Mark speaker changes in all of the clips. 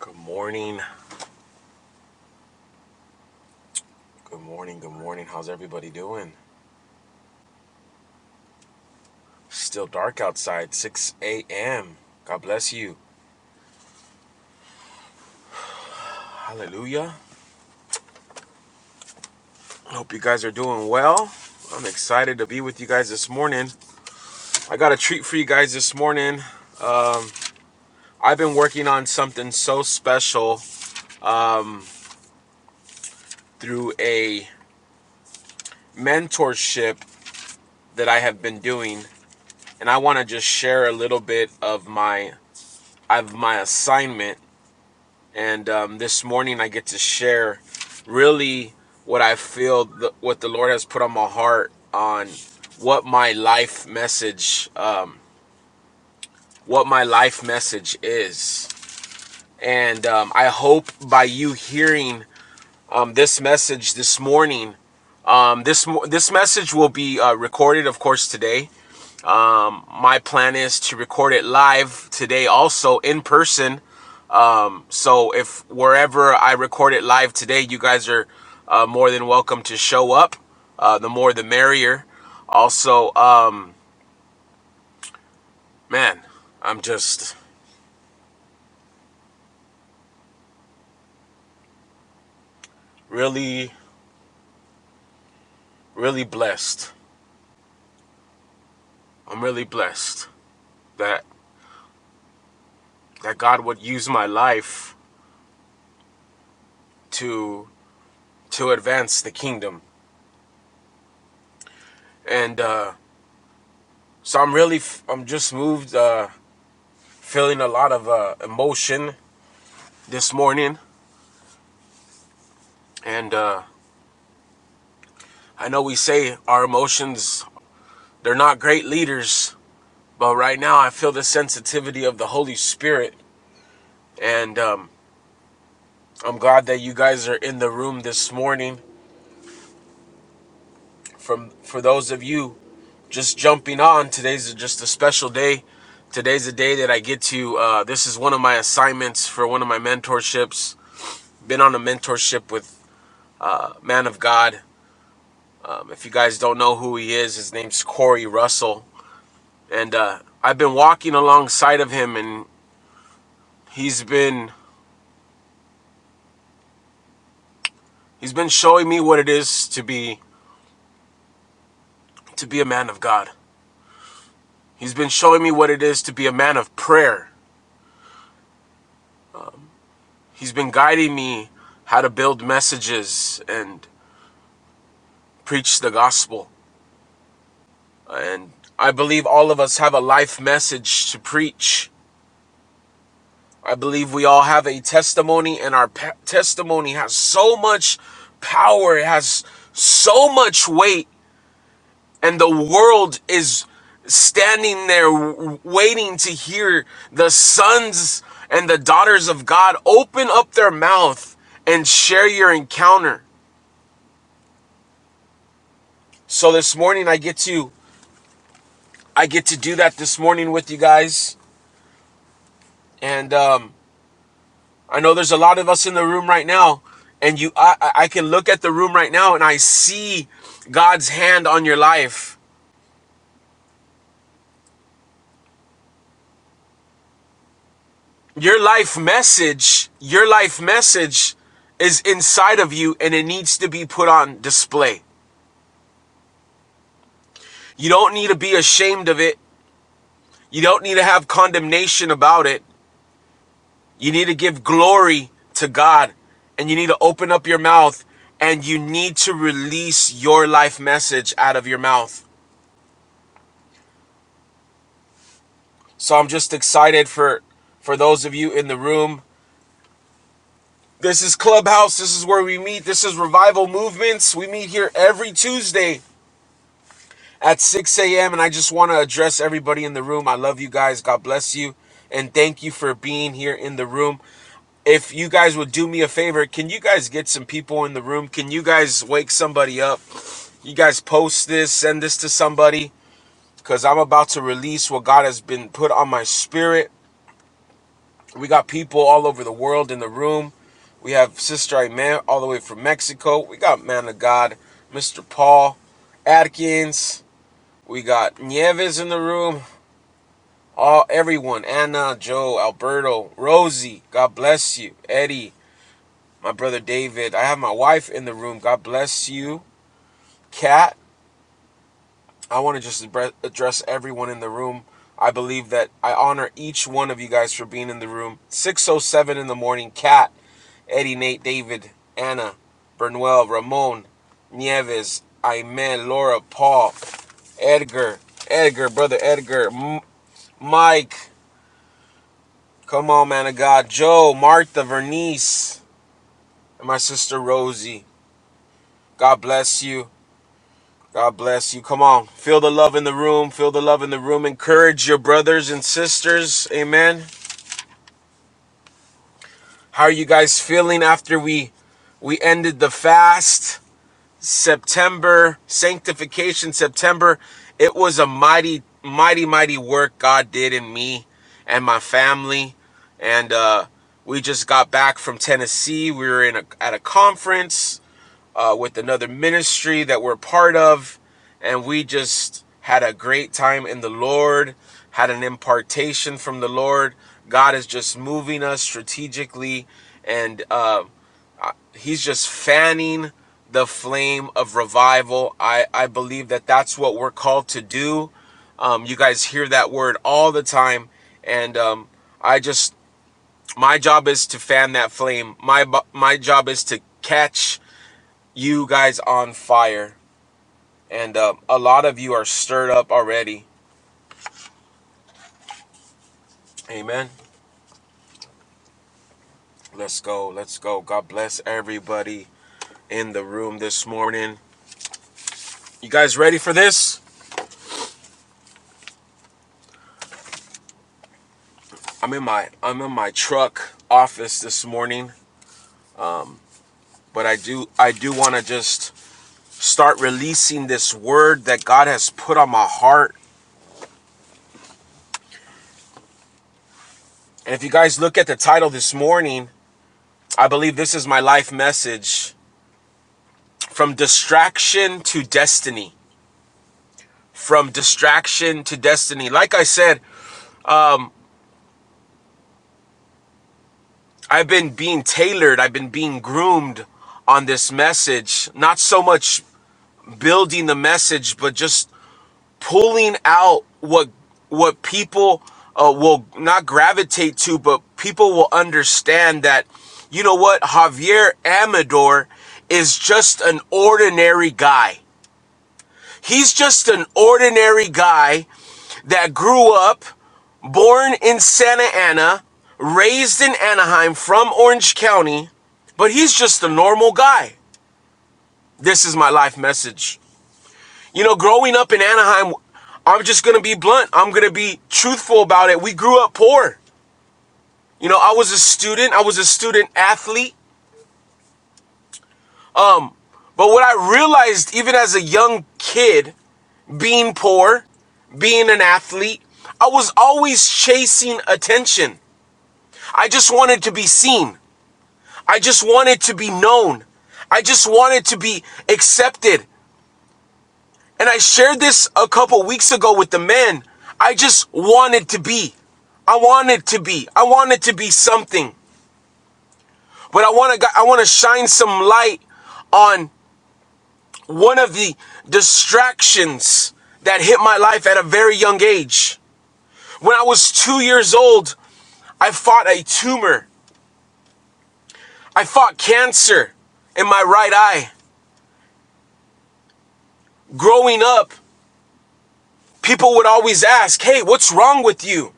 Speaker 1: Good morning. Good morning. Good morning. How's everybody doing? Still dark outside, 6 a.m. God bless you. Hallelujah. Hope you guys are doing well. I'm excited to be with you guys this morning. I got a treat for you guys this morning. I've been working on something so special through a mentorship that I have been doing, and I want to just share a little bit of my of my assignment and um, this morning I get to share really what I feel, the, what the Lord has put on my heart on what my life message, um, what my life message is, and um, I hope by you hearing um, this message this morning, um, this this message will be uh, recorded, of course, today. My plan is to record it live today, also in person, So if wherever I record it live today, you guys are uh, more than welcome to show up. Uh, the more, the merrier. Also, um, man, I'm just really, really blessed. I'm really blessed that that God would use my life to to advance the kingdom. And uh, so I'm really, i I'm just moved, uh, feeling a lot of uh, emotion this morning. And uh, I know we say our emotions They're not great leaders, but right now I feel the sensitivity of the Holy Spirit, and um, I'm glad that you guys are in the room this morning. From for those of you just jumping on, today's just a special day. Today's a day that I get to. Uh, this is one of my assignments for one of my mentorships. Been on a mentorship with uh, Man of God. Um, if you guys don't know who he is, his name's Corey Russell, and uh, I've been walking alongside of him, and he's been He's been showing me what it is to be to be a man of God. He's been showing me what it is to be a man of prayer. He's been guiding me how to build messages and preach the gospel. And I believe all of us have a life message to preach. I believe we all have a testimony and our testimony has so much power. It has so much weight and the world is standing there waiting to hear the sons and the daughters of God open up their mouth and share your encounter. So this morning I get to I get to do that this morning with you guys, and um, I know there's a lot of us in the room right now, and you I I can look at the room right now and I see God's hand on your life. Your life message, your life message is inside of you and it needs to be put on display. You don't need to be ashamed of it. You don't need to have condemnation about it. You need to give glory to God and you need to open up your mouth and you need to release your life message out of your mouth. So I'm just excited for for those of you in the room. This is Clubhouse. This is where we meet. This is Revival Movements. We meet here every Tuesday at 6 a.m. And I just want to address everybody in the room. I love you guys. God bless you. And thank you for being here in the room. If you guys would do me a favor, can you guys get some people in the room? Can you guys wake somebody up? You guys post this, send this to somebody, because I'm about to release what God has been put on my spirit. We got people all over the world in the room. We have Sister Amen all the way from Mexico. We got Man of God, Mr. Paul Atkins. We got Nieves in the room. all everyone anna joe alberto rosie god bless you eddie my brother david i have my wife in the room god bless you kat i want to just address everyone in the room i believe that i honor each one of you guys for being in the room 607 in the morning kat eddie nate david anna bernuel ramon nieves aime laura paul edgar edgar brother edgar M- mike Come on, man of God. Joe, Martha, Vernice, and my sister Rosie. God bless you. God bless you. Come on. Feel the love in the room. Feel the love in the room. Encourage your brothers and sisters. Amen. How are you guys feeling after we we ended the fast? September, sanctification September. It was a mighty, mighty, mighty work God did in me and my family. And uh, we just got back from Tennessee. We were in a, at a conference uh, with another ministry that we're part of. And we just had a great time in the Lord, had an impartation from the Lord. God is just moving us strategically, and uh, uh, He's just fanning the flame of revival. I, I believe that that's what we're called to do. Um, you guys hear that word all the time, and um, I just my job is to fan that flame. My my job is to catch you guys on fire and uh, a lot of you are stirred up already amen let's go let's go god bless everybody in the room this morning you guys ready for this i'm in my i'm in my truck office this morning but i do i do want to just start releasing this word that god has put on my heart and if you guys look at the title this morning i believe this is my life message from distraction to destiny from distraction to destiny. Like I said, um, I've been being tailored, I've been being groomed on this message. Not so much building the message, but just pulling out what what people uh, will not gravitate to, but people will understand that. You know what? Javier Amador is just an ordinary guy. He's just an ordinary guy that grew up. born in Santa Ana, raised in Anaheim from Orange County, but he's just a normal guy. This is my life message. You know, growing up in Anaheim, I'm just gonna be blunt. I'm gonna be truthful about it. We grew up poor. You know, I was a student, I was a student athlete. But what I realized, even as a young kid, being poor, being an athlete, I was always chasing attention. I just wanted to be seen. I just wanted to be known. I just wanted to be accepted. And I shared this a couple weeks ago with the men. I just wanted to be. I wanted to be. I wanted to be something. But I want to I want to shine some light on one of the distractions that hit my life at a very young age. When I was 2 years old, I fought a tumor. I fought cancer in my right eye. Growing up, People would always ask, Hey, what's wrong with you?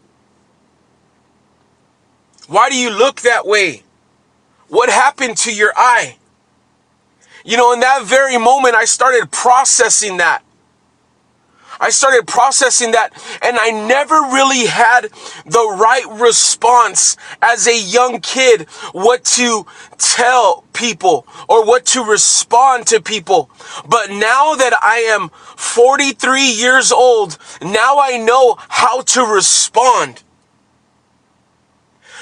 Speaker 1: Why do you look that way? What happened to your eye? You know, in that very moment, I started processing that. I started processing that, and I never really had the right response as a young kid what to tell people or what to respond to people. But now that I am 43 years old, now I know how to respond.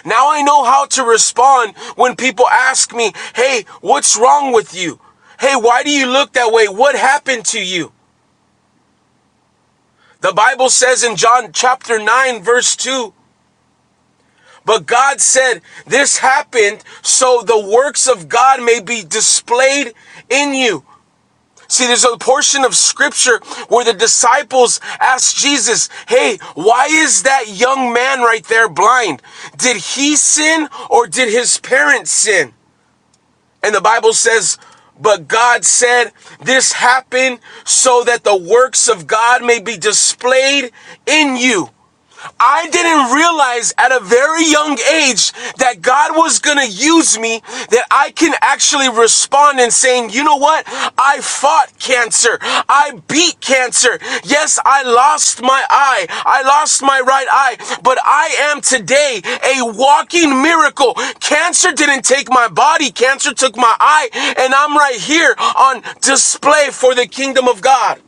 Speaker 1: Now I know how to respond when people ask me, hey, what's wrong with you? Hey, why do you look that way? What happened to you? The Bible says in John chapter 9, verse 2, but God said, this happened so the works of God may be displayed in you. See, there's a portion of scripture where the disciples asked Jesus, Hey, why is that young man right there blind? Did he sin or did his parents sin? And the Bible says, but God said, This happened so that the works of God may be displayed in you. I didn't realize at a very young age that God was going to use me, that I can actually respond and saying, you know what? I fought cancer. I beat cancer. Yes, I lost my eye. I lost my right eye, but I am today a walking miracle. Cancer didn't take my body. Cancer took my eye and I'm right here on display for the kingdom of God.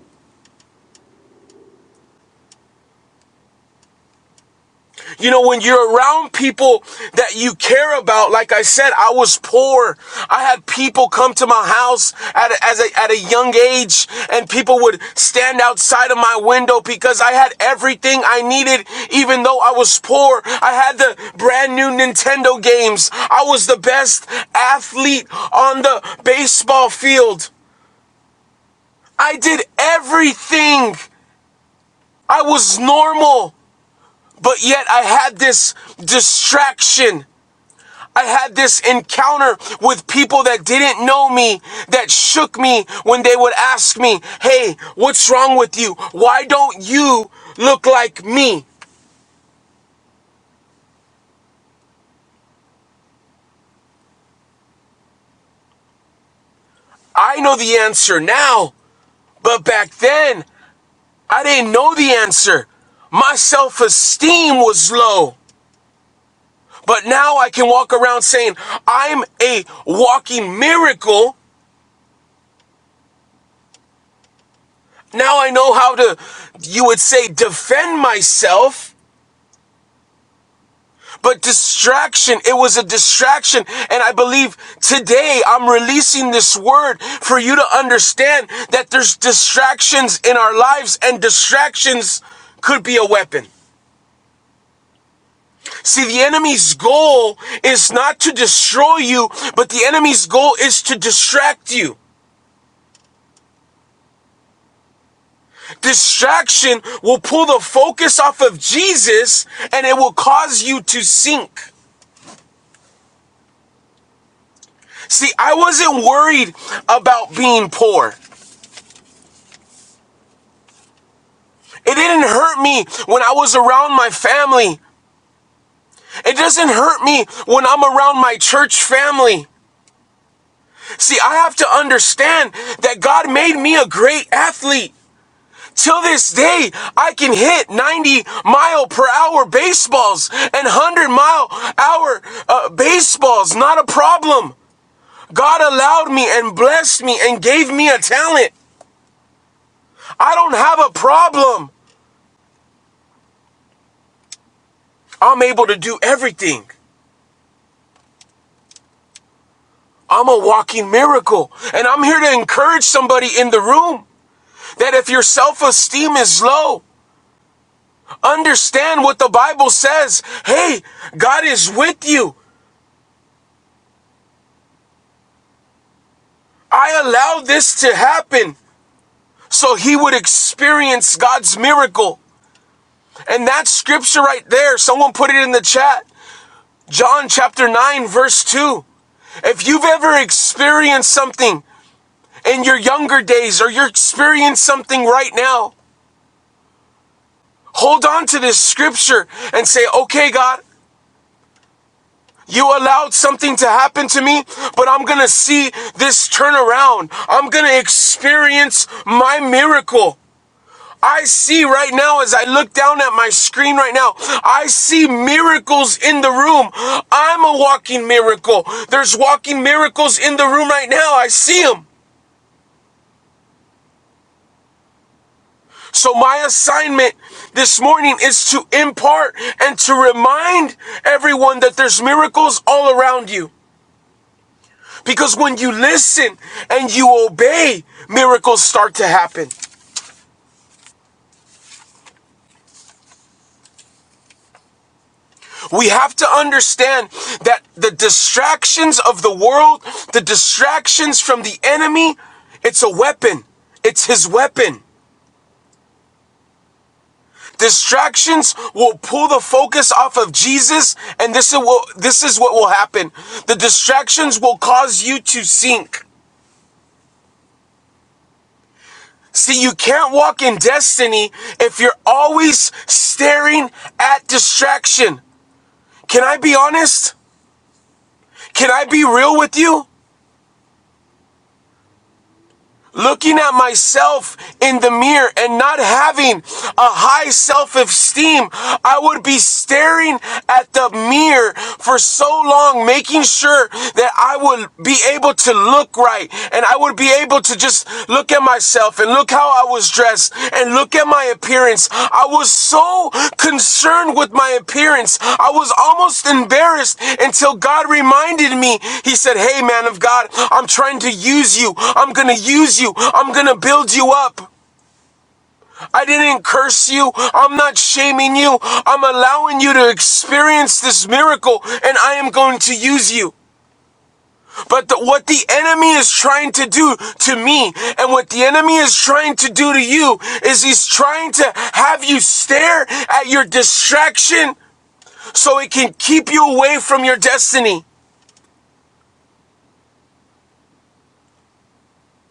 Speaker 1: You know, when you're around people that you care about, like I said, I was poor. I had people come to my house at a, as a, at a young age and people would stand outside of my window because I had everything I needed, even though I was poor. I had the brand new Nintendo games. I was the best athlete on the baseball field. I did everything. I was normal, but yet I had this distraction. I had this encounter with people that didn't know me, that shook me when they would ask me, Hey, what's wrong with you? Why don't you look like me? I know the answer now, but back then, I didn't know the answer. My self esteem was low. But now I can walk around saying, I'm a walking miracle. Now I know how to, you would say, defend myself But distraction, it was a distraction. And I believe today I'm releasing this word for you to understand that there's distractions in our lives and distractions could be a weapon. See, the enemy's goal is not to destroy you, but the enemy's goal is to distract you. Distraction will pull the focus off of Jesus and it will cause you to sink. See, I wasn't worried about being poor. It didn't hurt me when I was around my family. It doesn't hurt me when I'm around my church family. See, I have to understand that God made me a great athlete. Till this day, I can hit 90 mile per hour baseballs and 100 mile hour uh, baseballs, not a problem. God allowed me and blessed me and gave me a talent. I don't have a problem. I'm able to do everything. I'm a walking miracle. And I'm here to encourage somebody in the room that if your self esteem is low, understand what the Bible says. Hey, God is with you. I allowed this to happen so he would experience God's miracle. And that scripture right there, someone put it in the chat. John chapter 9, verse 2. If you've ever experienced something in your younger days or you're experiencing something right now hold on to this scripture and say, okay, God, you allowed something to happen to me, but I'm going to see this turnaround. I'm going to experience my miracle. I see right now as I look down at my screen right now, I see miracles in the room. I'm a walking miracle. There's walking miracles in the room right now. I see them. So my assignment this morning is to impart and to remind everyone that there's miracles all around you. Because when you listen and you obey, miracles start to happen. We have to understand that the distractions of the world, the distractions from the enemy, it's a weapon. It's his weapon. Distractions will pull the focus off of Jesus, and this is what this is what will happen. The distractions will cause you to sink. See, you can't walk in destiny if you're always staring at distraction. Can I be honest? Can I be real with you? looking at myself in the mirror and not having a high self esteem, I would be staring at the mirror for so long, making sure that I would be able to look right and I would be able to just look at myself myself and look how I was dressed and look at my appearance. I was so concerned with my appearance. I was almost embarrassed until God reminded me. He said, Hey, man of God, I'm trying to use you. I'm going to use you. I'm going to build you up. I didn't curse you. I'm not shaming you. I'm allowing you to experience this miracle and I am going to use you. But the, what the enemy is trying to do to me and what the enemy is trying to do to you is he's trying to have you stare at your distraction so it can keep you away from your destiny.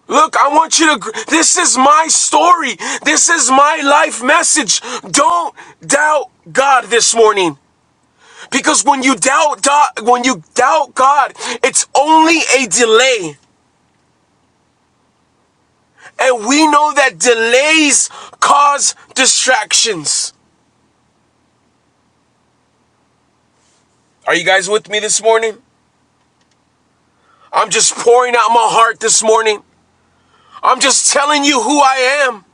Speaker 1: Look, I want you to, this is my story. This is my life message. Don't doubt God this morning. Because when you doubt, when you doubt God, it's only a delay. And we know that delays cause distractions. Are you guys with me this morning? I'm just pouring out my heart this morning. I'm just telling you who I am.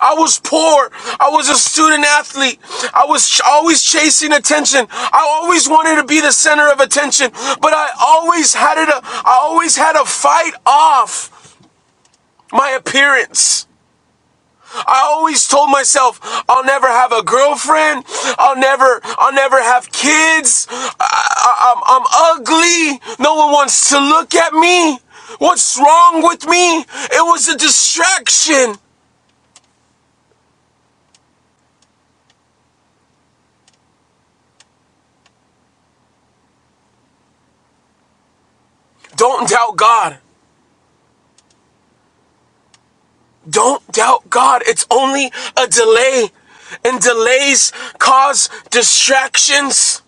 Speaker 1: I was poor. I was a student athlete. I was ch- always chasing attention. I always wanted to be the center of attention, but I always had it. A, I always had to fight off my appearance. I always told myself I'll never have a girlfriend. I'll never, I'll never have kids. I, I, I'm, I'm ugly. No one wants to look at me. What's wrong with me? It was a distraction. Don't doubt God. Don't doubt God. It's only a delay, and delays cause distractions.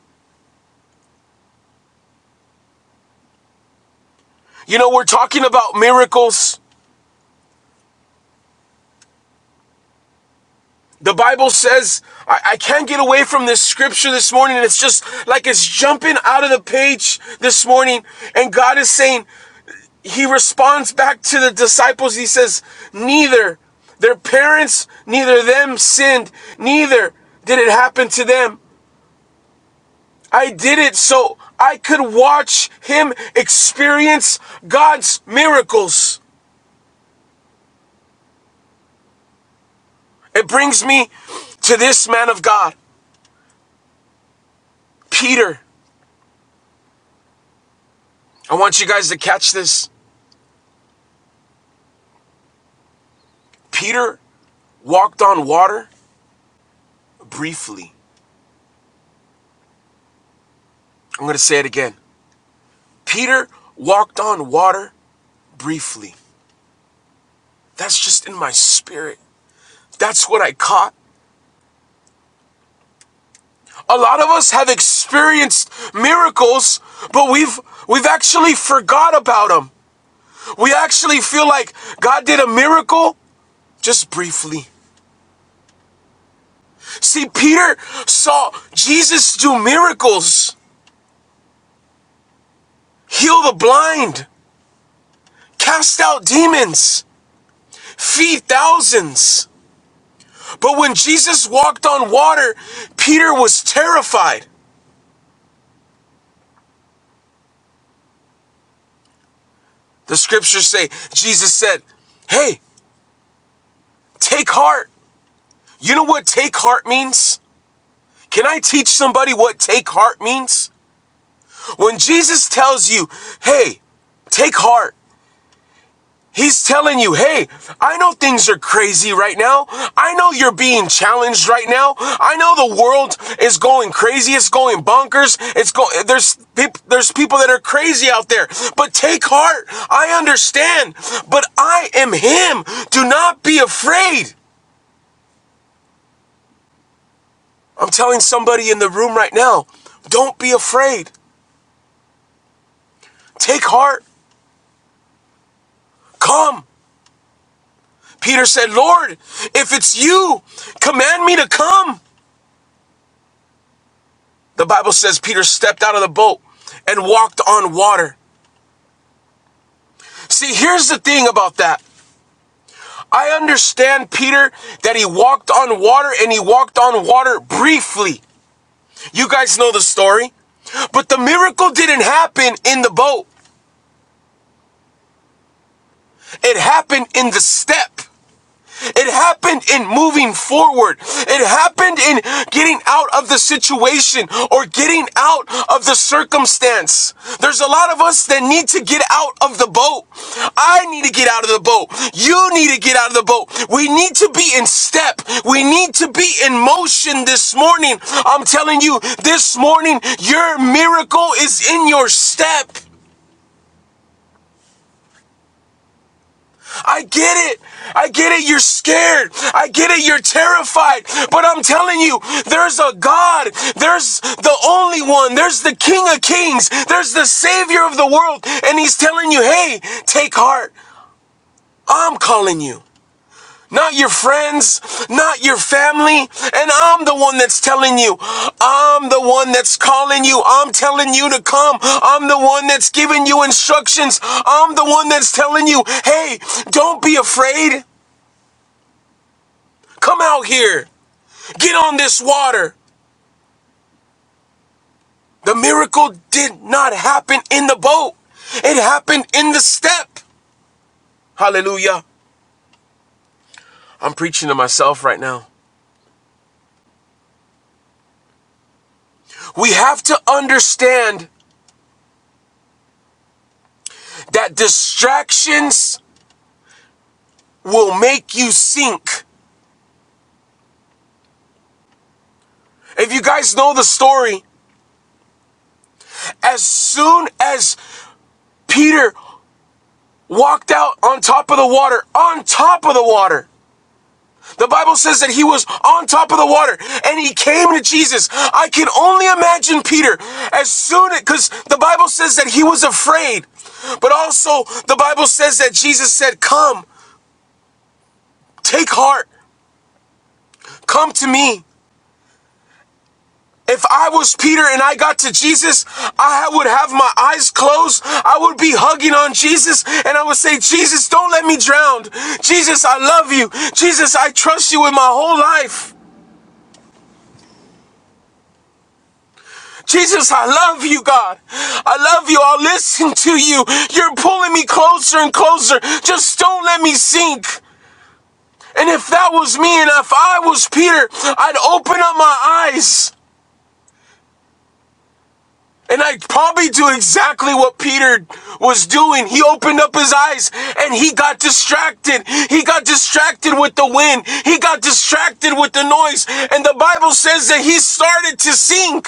Speaker 1: You know, we're talking about miracles. The Bible says, I, I can't get away from this scripture this morning. and It's just like it's jumping out of the page this morning. And God is saying, He responds back to the disciples. He says, Neither their parents, neither them sinned, neither did it happen to them. I did it so I could watch Him experience God's miracles. It brings me to this man of God, Peter. I want you guys to catch this. Peter walked on water briefly. I'm going to say it again. Peter walked on water briefly. That's just in my spirit. That's what I caught. A lot of us have experienced miracles, but we've we've actually forgot about them. We actually feel like God did a miracle just briefly. See, Peter saw Jesus do miracles, heal the blind, cast out demons, feed thousands. But when Jesus walked on water, Peter was terrified. The scriptures say Jesus said, Hey, take heart. You know what take heart means? Can I teach somebody what take heart means? When Jesus tells you, Hey, take heart, He's telling you, hey, I know things are crazy right now. I know you're being challenged right now. I know the world is going crazy. It's going bonkers. It's go- there's peop- there's people that are crazy out there. But take heart. I understand. But I am him. Do not be afraid. I'm telling somebody in the room right now, don't be afraid. Take heart. Come. Peter said, Lord, if it's you, command me to come. The Bible says Peter stepped out of the boat and walked on water. See, here's the thing about that. I understand, Peter, that he walked on water and he walked on water briefly. You guys know the story. But the miracle didn't happen in the boat, it happened in the step. It happened in moving forward. It happened in getting out of the situation or getting out of the circumstance. There's a lot of us that need to get out of the boat. I need to get out of the boat. You need to get out of the boat. We need to be in step. We need to be in motion this morning. I'm telling you, this morning, your miracle is in your step. I get it. I get it. You're scared. I get it. You're terrified. But I'm telling you, there's a God. There's the only one. There's the King of Kings. There's the Savior of the world. And He's telling you, hey, take heart. I'm calling you. Not your friends, not your family. And I'm the one that's telling you. I'm the one that's calling you. I'm telling you to come. I'm the one that's giving you instructions. I'm the one that's telling you, hey, don't be afraid. Come out here. Get on this water. The miracle did not happen in the boat, it happened in the step. Hallelujah. I'm preaching to myself right now. We have to understand that distractions will make you sink. If you guys know the story, as soon as Peter walked out on top of the water, on top of the water, The Bible says that he was on top of the water and he came to Jesus. I can only imagine Peter as soon as, because the Bible says that he was afraid. But also, the Bible says that Jesus said, Come, take heart, come to me. If I was Peter and I got to Jesus, I would have my eyes closed. I would be hugging on Jesus and I would say, Jesus, don't let me drown. Jesus, I love you. Jesus, I trust you with my whole life. Jesus, I love you, God. I love you. I'll listen to you. You're pulling me closer and closer. Just don't let me sink. And if that was me and if I was Peter, I'd open up my eyes. And I'd probably do exactly what Peter was doing. He opened up his eyes and he got distracted. He got distracted with the wind. He got distracted with the noise. And the Bible says that he started to sink.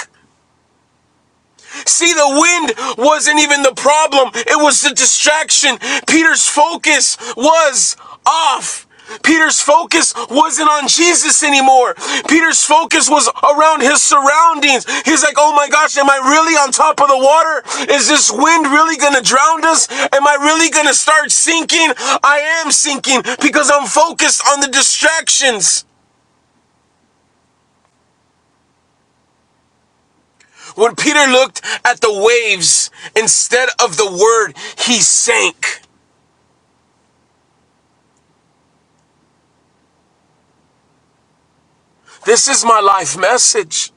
Speaker 1: See, the wind wasn't even the problem, it was the distraction. Peter's focus was off. Peter's focus wasn't on Jesus anymore. Peter's focus was around his surroundings. He's like, oh my gosh, am I really on top of the water? Is this wind really going to drown us? Am I really going to start sinking? I am sinking because I'm focused on the distractions. When Peter looked at the waves instead of the word, he sank. This is my life message.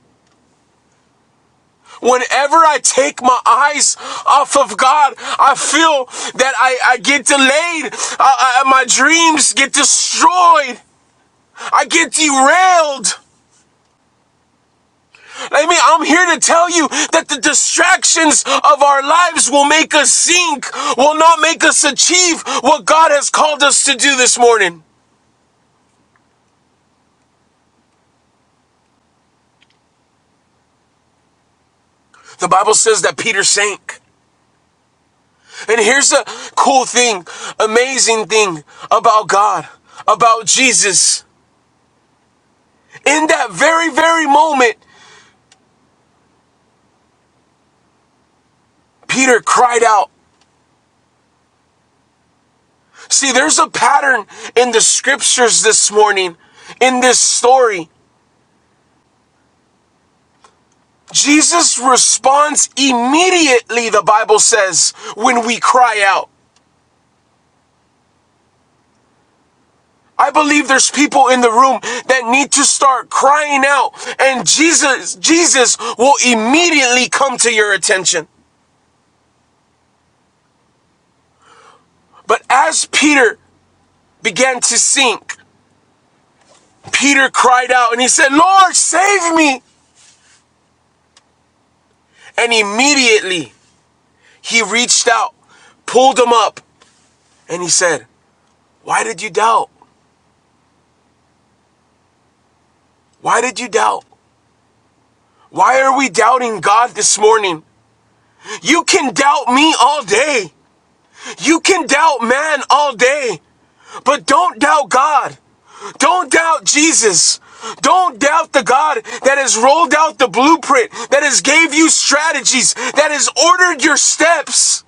Speaker 1: Whenever I take my eyes off of God, I feel that I, I get delayed. I, I- my dreams get destroyed. I get derailed. I mean, I'm here to tell you that the distractions of our lives will make us sink, will not make us achieve what God has called us to do this morning. The Bible says that Peter sank. And here's the cool thing, amazing thing about God, about Jesus. In that very, very moment, Peter cried out. See, there's a pattern in the scriptures this morning, in this story. Jesus responds immediately, the Bible says, when we cry out. I believe there's people in the room that need to start crying out and Jesus Jesus will immediately come to your attention. But as Peter began to sink. Peter cried out and he said, Lord, save me. And immediately he reached out, pulled him up, and he said, Why did you doubt? Why did you doubt? Why are we doubting God this morning? You can doubt me all day. You can doubt man all day, but don't doubt God. Don't doubt Jesus. Don't doubt the God that has rolled out the blueprint, that has gave you strategies, that has ordered your steps.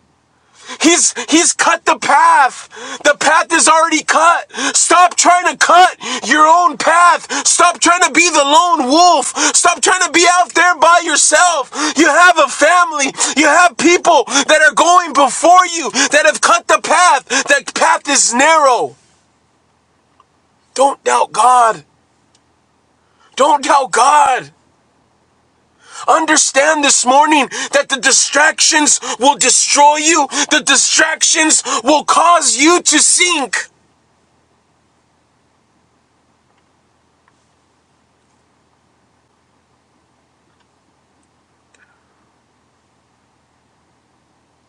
Speaker 1: He's he's cut the path. The path is already cut. Stop trying to cut your own path. Stop trying to be the lone wolf. Stop trying to be out there by yourself. You have a family. You have people that are going before you that have cut the path. That path is narrow. Don't doubt God. Don't doubt God. Understand this morning that the distractions will destroy you. The distractions will cause you to sink.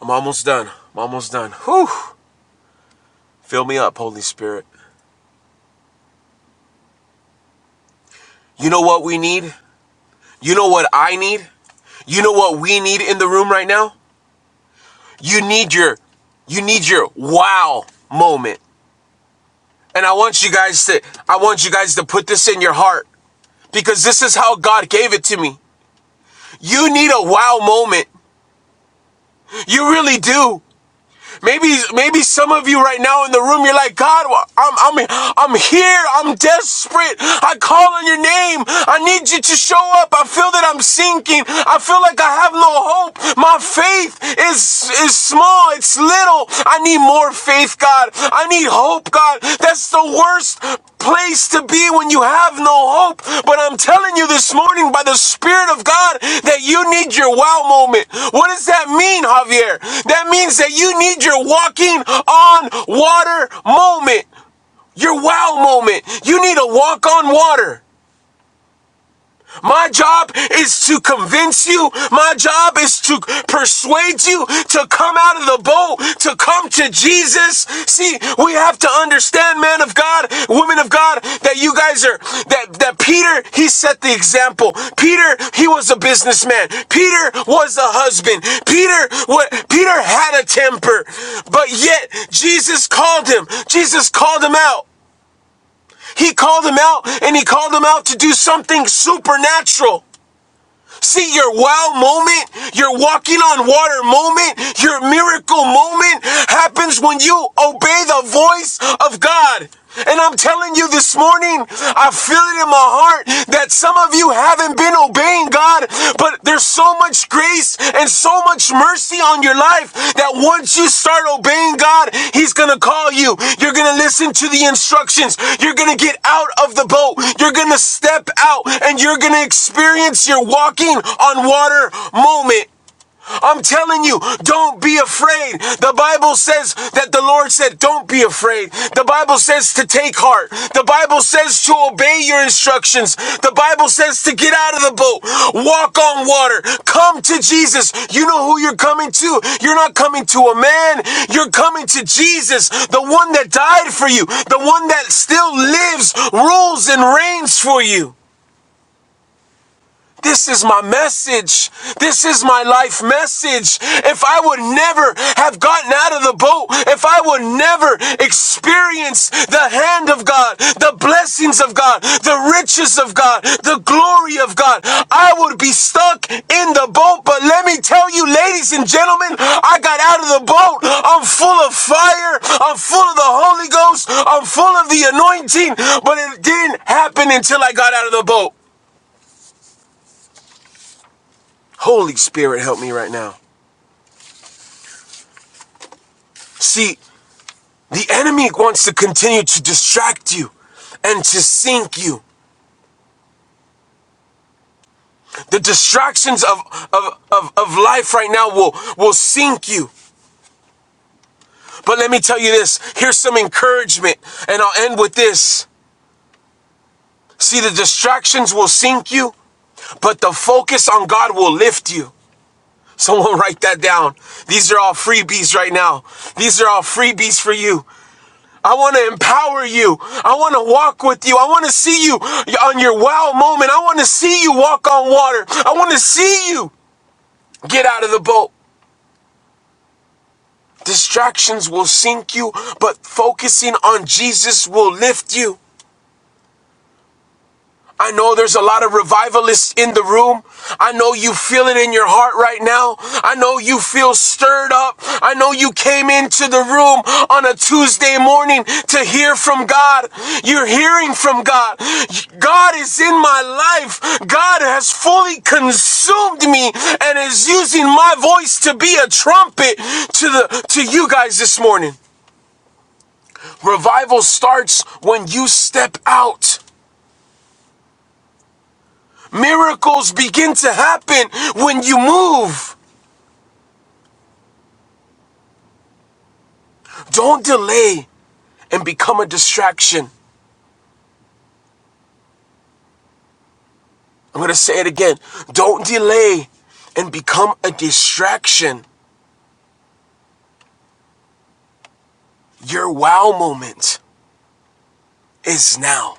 Speaker 1: I'm almost done. I'm almost done. Whew. Fill me up, Holy Spirit. You know what we need? You know what I need? You know what we need in the room right now? You need your you need your wow moment. And I want you guys to I want you guys to put this in your heart because this is how God gave it to me. You need a wow moment. You really do. Maybe maybe some of you right now in the room, you're like, God, well, I'm I'm I'm here. I'm desperate. I call on your name. I need you to show up. I feel that I'm sinking. I feel like I have no hope. My faith is is small. It's little. I need more faith, God. I need hope, God. That's the worst place to be when you have no hope. But I'm telling you this morning by the Spirit of God that you need your wow moment. What does that mean, Javier? That means that you need your walking on water moment, your wow moment. You need a walk on water. My job is to convince you. My job is to persuade you to come out of the boat, to come to Jesus. See, we have to understand, man of God, women of God, that you guys are, that, that Peter, he set the example. Peter, he was a businessman. Peter was a husband. Peter, what, Peter had a temper, but yet Jesus called him. Jesus called him out. He called him out and he called him out to do something supernatural. See your wow moment, your walking on water moment, your miracle moment happens when you obey the voice of God. And I'm telling you this morning, I feel it in my heart that some of you haven't been obeying God, but there's so so much grace and so much mercy on your life that once you start obeying God, He's gonna call you. You're gonna listen to the instructions. You're gonna get out of the boat. You're gonna step out and you're gonna experience your walking on water moment. I'm telling you, don't be afraid. The Bible says that the Lord said, Don't be afraid. The Bible says to take heart. The Bible says to obey your instructions. The Bible says to get out of the boat, walk on water, come to Jesus. You know who you're coming to. You're not coming to a man, you're coming to Jesus, the one that died for you, the one that still lives, rules, and reigns for you. This is my message. This is my life message. If I would never have gotten out of the boat, if I would never experience the hand of God, the blessings of God, the riches of God, the glory of God, I would be stuck in the boat. But let me tell you, ladies and gentlemen, I got out of the boat. I'm full of fire. I'm full of the Holy Ghost. I'm full of the anointing. But it didn't happen until I got out of the boat. Holy Spirit, help me right now. See, the enemy wants to continue to distract you and to sink you. The distractions of, of, of, of life right now will, will sink you. But let me tell you this here's some encouragement, and I'll end with this. See, the distractions will sink you, but the focus on God will lift you. Someone write that down. These are all freebies right now. These are all freebies for you. I want to empower you. I want to walk with you. I want to see you on your wow moment. I want to see you walk on water. I want to see you get out of the boat. Distractions will sink you, but focusing on Jesus will lift you. I know there's a lot of revivalists in the room. I know you feel it in your heart right now. I know you feel stirred up. I know you came into the room on a Tuesday morning to hear from God. You're hearing from God. God is in my life. God has fully consumed me and is using my voice to be a trumpet to the to you guys this morning. Revival starts when you step out. Miracles begin to happen when you move. Don't delay and become a distraction. I'm going to say it again. Don't delay and become a distraction. Your wow moment is now.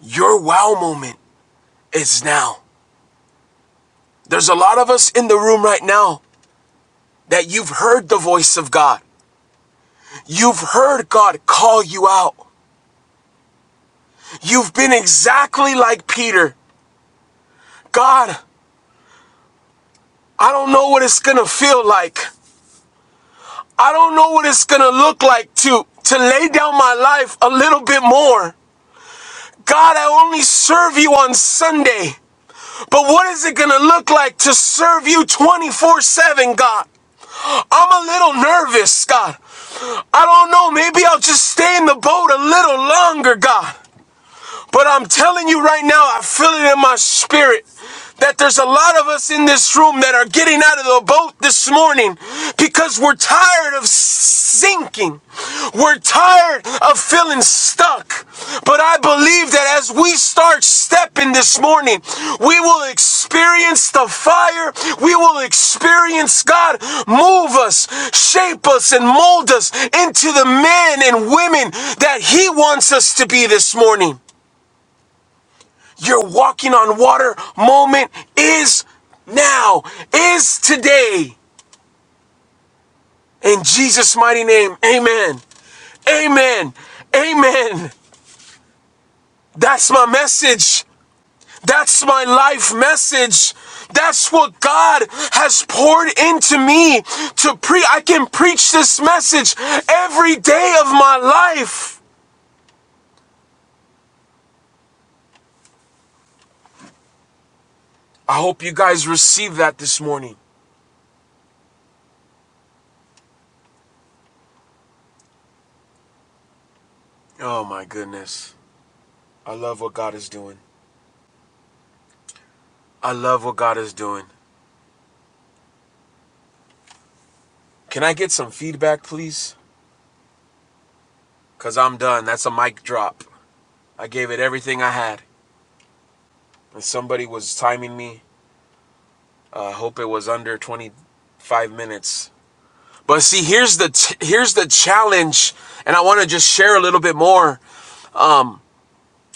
Speaker 1: Your wow moment is now. There's a lot of us in the room right now that you've heard the voice of God. You've heard God call you out. You've been exactly like Peter. God, I don't know what it's going to feel like. I don't know what it's gonna look like to to lay down my life a little bit more. God, I only serve you on Sunday. But what is it gonna look like to serve you 24-7, God? I'm a little nervous, God. I don't know. Maybe I'll just stay in the boat a little longer, God. But I'm telling you right now, I feel it in my spirit that there's a lot of us in this room that are getting out of the boat this morning because we're tired of sinking. We're tired of feeling stuck. But I believe that as we start stepping this morning, we will experience the fire. We will experience God move us, shape us, and mold us into the men and women that He wants us to be this morning. Your walking on water moment is now, is today. In Jesus' mighty name, amen. Amen. Amen. That's my message. That's my life message. That's what God has poured into me to pre I can preach this message every day of my life. I hope you guys receive that this morning. Oh my goodness. I love what God is doing. I love what God is doing. Can I get some feedback, please? Because I'm done. That's a mic drop. I gave it everything I had. And somebody was timing me. I uh, hope it was under 25 minutes. But see, here's the t- here's the challenge, and I want to just share a little bit more. Um,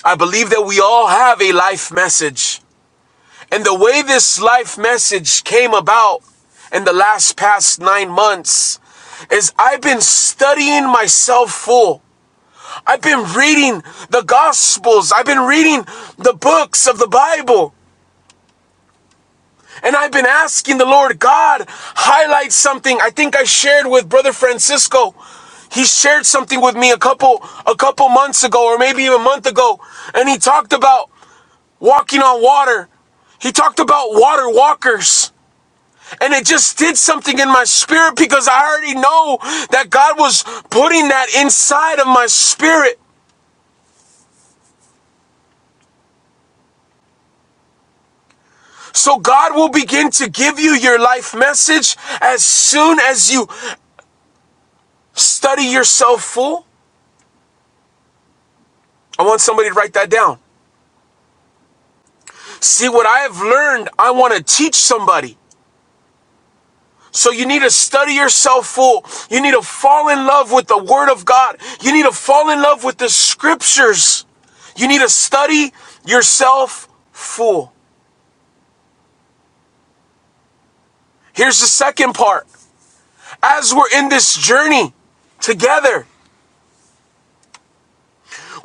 Speaker 1: I believe that we all have a life message, and the way this life message came about in the last past nine months is I've been studying myself full. I've been reading the Gospels. I've been reading the books of the Bible. And I've been asking the Lord God, highlight something. I think I shared with Brother Francisco. He shared something with me a couple a couple months ago or maybe even a month ago. And he talked about walking on water. He talked about water walkers. And it just did something in my spirit because I already know that God was putting that inside of my spirit. So God will begin to give you your life message as soon as you study yourself full. I want somebody to write that down. See what I have learned, I want to teach somebody. So you need to study yourself full. You need to fall in love with the word of God. You need to fall in love with the scriptures. You need to study yourself full. Here's the second part. As we're in this journey together,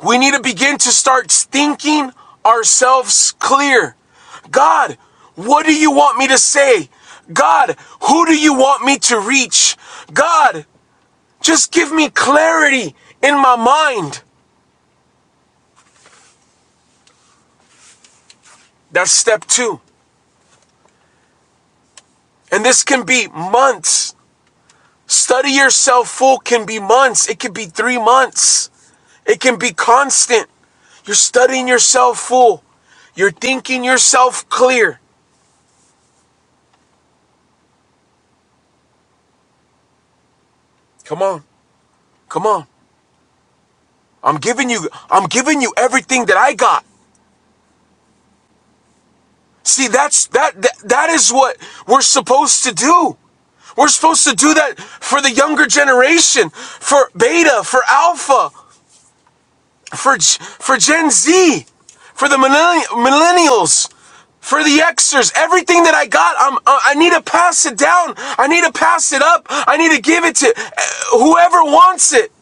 Speaker 1: We need to begin to start thinking ourselves clear. God, what do you want me to say? God, who do you want me to reach? God, just give me clarity in my mind. That's step two. And this can be months. Study yourself full can be months. It could be three months. It can be constant. You're studying yourself full. You're thinking yourself clear. Come on. Come on. I'm giving you I'm giving you everything that I got. See, that's that that, that is what we're supposed to do. We're supposed to do that for the younger generation, for beta, for alpha, for for Gen Z, for the millenni- millennials, for the Xers. Everything that I got, I'm I need to pass it down. I need to pass it up. I need to give it to uh, whoever wants it.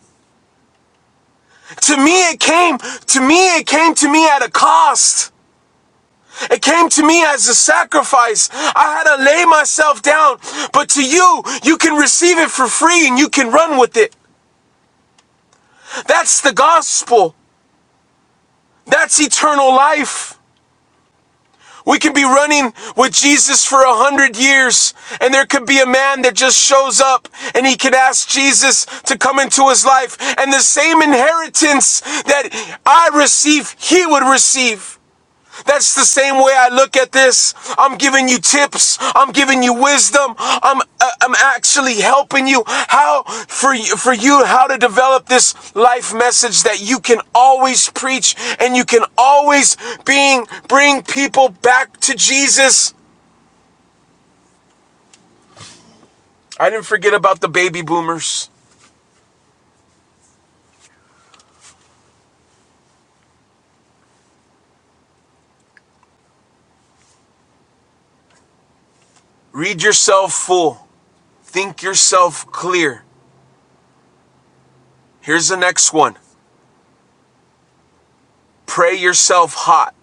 Speaker 1: To me it came, to me it came to me at a cost. It came to me as a sacrifice. I had to lay myself down. But to you, you can receive it for free and you can run with it. That's the gospel. That's eternal life. We can be running with Jesus for a hundred years, and there could be a man that just shows up and he can ask Jesus to come into his life, and the same inheritance that I receive, he would receive. That's the same way I look at this. I'm giving you tips. I'm giving you wisdom. I'm uh, I'm actually helping you how for you, for you how to develop this life message that you can always preach and you can always being bring people back to Jesus. I didn't forget about the baby boomers. Read yourself full. Think yourself clear. Here's the next one. Pray yourself hot.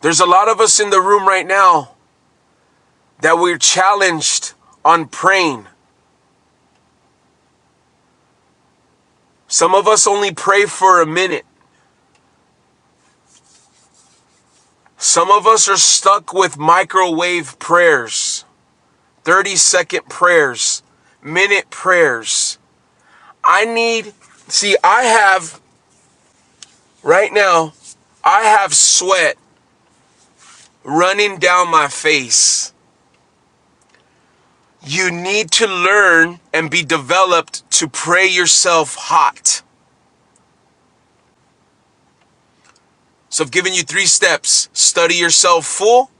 Speaker 1: There's a lot of us in the room right now that we're challenged on praying. Some of us only pray for a minute. Some of us are stuck with microwave prayers, 30 second prayers, minute prayers. I need, see, I have right now, I have sweat running down my face. You need to learn and be developed to pray yourself hot. So I've given you three steps study yourself full,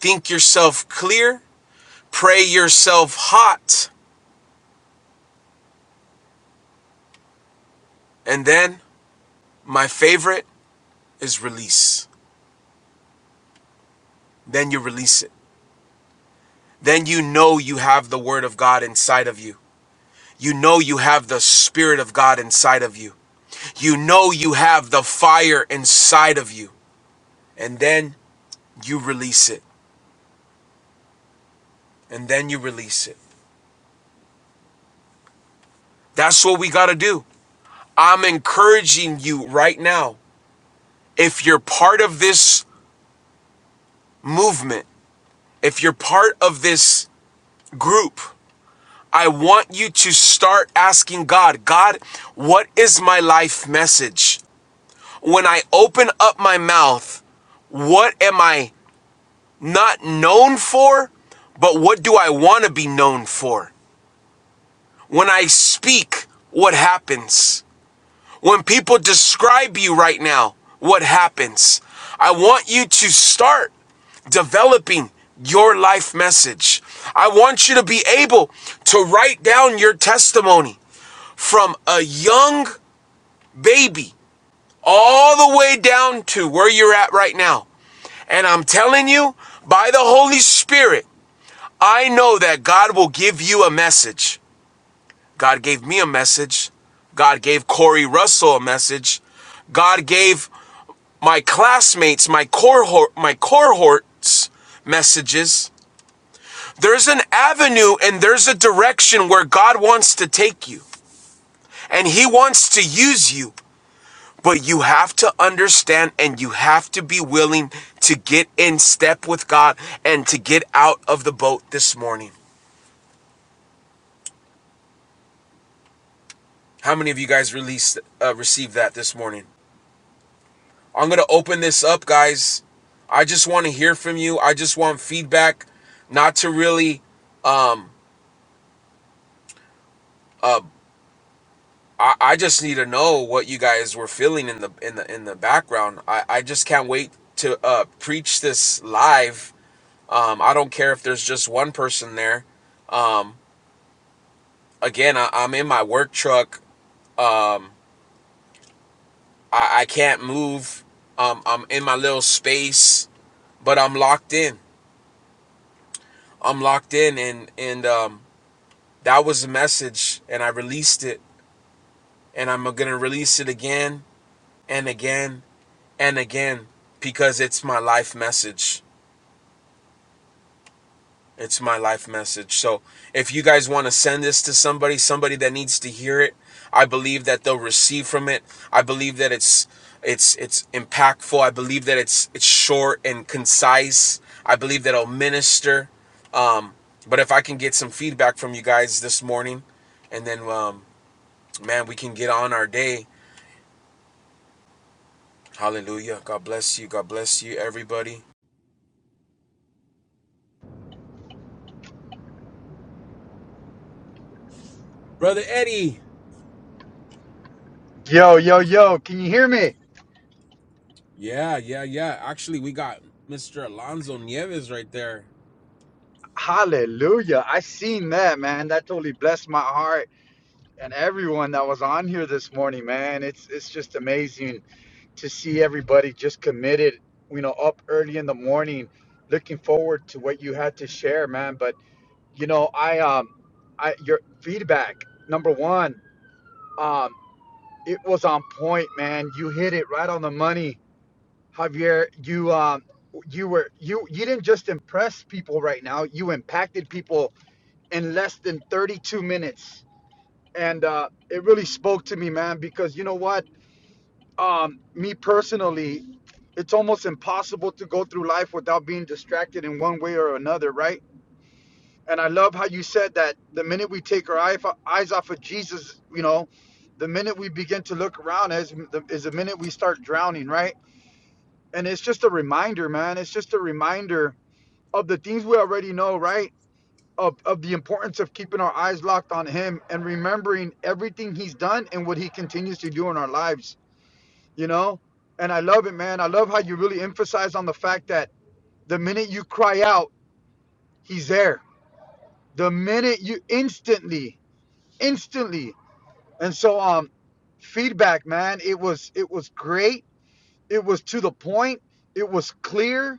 Speaker 1: think yourself clear, Pray yourself hot. And then my favorite is release. Then you release it. Then you know you have the Word of God inside of you. You know you have the Spirit of God inside of you. You know you have the fire inside of you. And then you release it. And then you release it. That's what we got to do. I'm encouraging you right now. If you're part of this movement, if you're part of this group, I want you to start asking God, God, what is my life message? When I open up my mouth, what am I not known for, but what do I want to be known for? When I speak, what happens? When people describe you right now, what happens? I want you to start developing your life message. I want you to be able to write down your testimony. from a young baby all the way down to where you're at right now. And I'm telling you, by the Holy Spirit, I know that God will give you a message. God gave me a message. God gave Corey Russell a message. God gave my classmates, my cohort, my cohorts messages. There's an avenue and there's a direction where God wants to take you. And he wants to use you. But you have to understand and you have to be willing to get in step with God and to get out of the boat this morning. How many of you guys released uh, received that this morning? I'm going to open this up, guys. I just want to hear from you. I just want feedback, not to really um uh I, I just need to know what you guys were feeling in the in the in the background. I, I just can't wait to uh preach this live. Um I don't care if there's just one person there Um. again I, i'm in my work truck um I, I can't move um i'm in my little space but i'm locked in i'm locked in and and um that was the message and i released it and i'm gonna release it again and again and again because it's my life message It's my life message. So if you guys want to send this to somebody, somebody that needs to hear it, I believe that they'll receive from it. I believe that it's it's it's impactful. I believe that it's it's short and concise. I believe that it'll minister. Um, but if I can get some feedback from you guys this morning, and then um, man, we can get on our day. Hallelujah. God bless you. God bless you, everybody. Brother Eddie.
Speaker 2: Yo, yo, yo, can you hear me?
Speaker 1: Yeah, yeah, yeah. Actually, we got Mr. Alonzo Nieves right there.
Speaker 2: Hallelujah. I seen that, man. That totally blessed my heart and everyone that was on here this morning, man. It's it's just amazing to see everybody just committed, you know, up early in the morning, looking forward to what you had to share, man. But you know, I um I your feedback, number one, um, it was on point, man. You hit it right on the money Javier, you um, you were you you didn't just impress people right now. You impacted people in less than 32 minutes, and uh, it really spoke to me, man. Because you know what, um, me personally, it's almost impossible to go through life without being distracted in one way or another, right? And I love how you said that the minute we take our eye- eyes off of Jesus, you know, the minute we begin to look around is the, is the minute we start drowning, right? and it's just a reminder, man. It's just a reminder of the things we already know, right? Of of the importance of keeping our eyes locked on Him and remembering everything He's done and what He continues to do in our lives. You know, and I love it, man. I love how you really emphasize on the fact that the minute you cry out, He's there. The minute you instantly, instantly, and so um, feedback, man. It was it was great. It was to the point. It was clear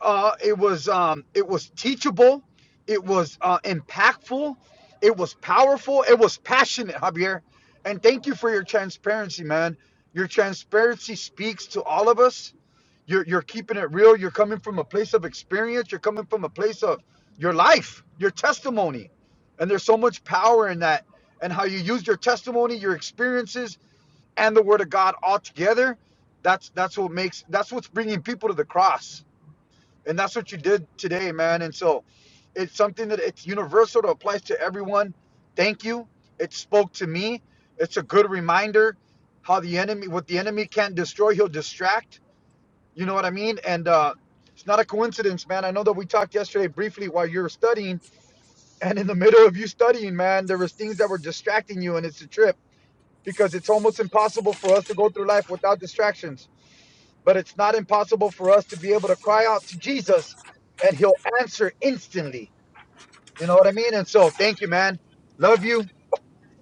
Speaker 2: Uh, it was um, it was teachable, it was uh, impactful, it was powerful, it was passionate, Javier. And thank you for your transparency, man. Your transparency speaks to all of us. You're you're keeping it real. You're coming from a place of experience. You're coming from a place of your life, your testimony, and there's so much power in that. And how you use your testimony, your experiences, and the Word of God all together. That's that's what makes that's what's bringing people to the cross and that's what you did today man and so it's something that it's universal it applies to everyone thank you it spoke to me it's a good reminder how the enemy what the enemy can't destroy he'll distract you know what i mean and uh it's not a coincidence man i know that we talked yesterday briefly while you were studying and in the middle of you studying man there was things that were distracting you and it's a trip because it's almost impossible for us to go through life without distractions but it's not impossible for us to be able to cry out to Jesus and he'll answer instantly. You know what I mean? And so, thank you, man. Love you.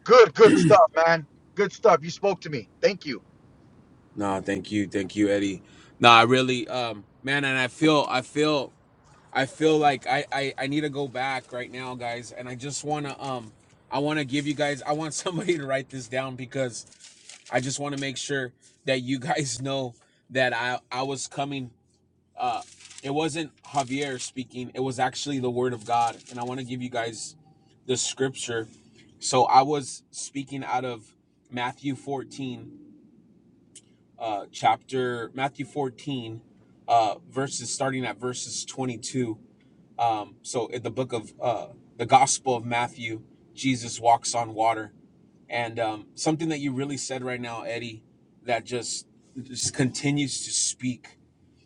Speaker 2: Good, good stuff, man. Good stuff. You spoke to me. Thank you.
Speaker 1: No, thank you, thank you, Eddie. No, I really, um, man, and I feel, I feel, I feel like I, I, I need to go back right now, guys, and I just wanna, um, I wanna give you guys, I want somebody to write this down because I just want to make sure that you guys know that I, I was coming. Uh, it wasn't Javier speaking; it was actually the Word of God, and I want to give you guys the scripture. So I was speaking out of Matthew 14 uh, chapter Matthew 14, uh, verses starting at verses 22. Um, so in the book of uh, the Gospel of Matthew, Jesus walks on water, and um, something that you really said right now, Eddie, that just just continues to speak.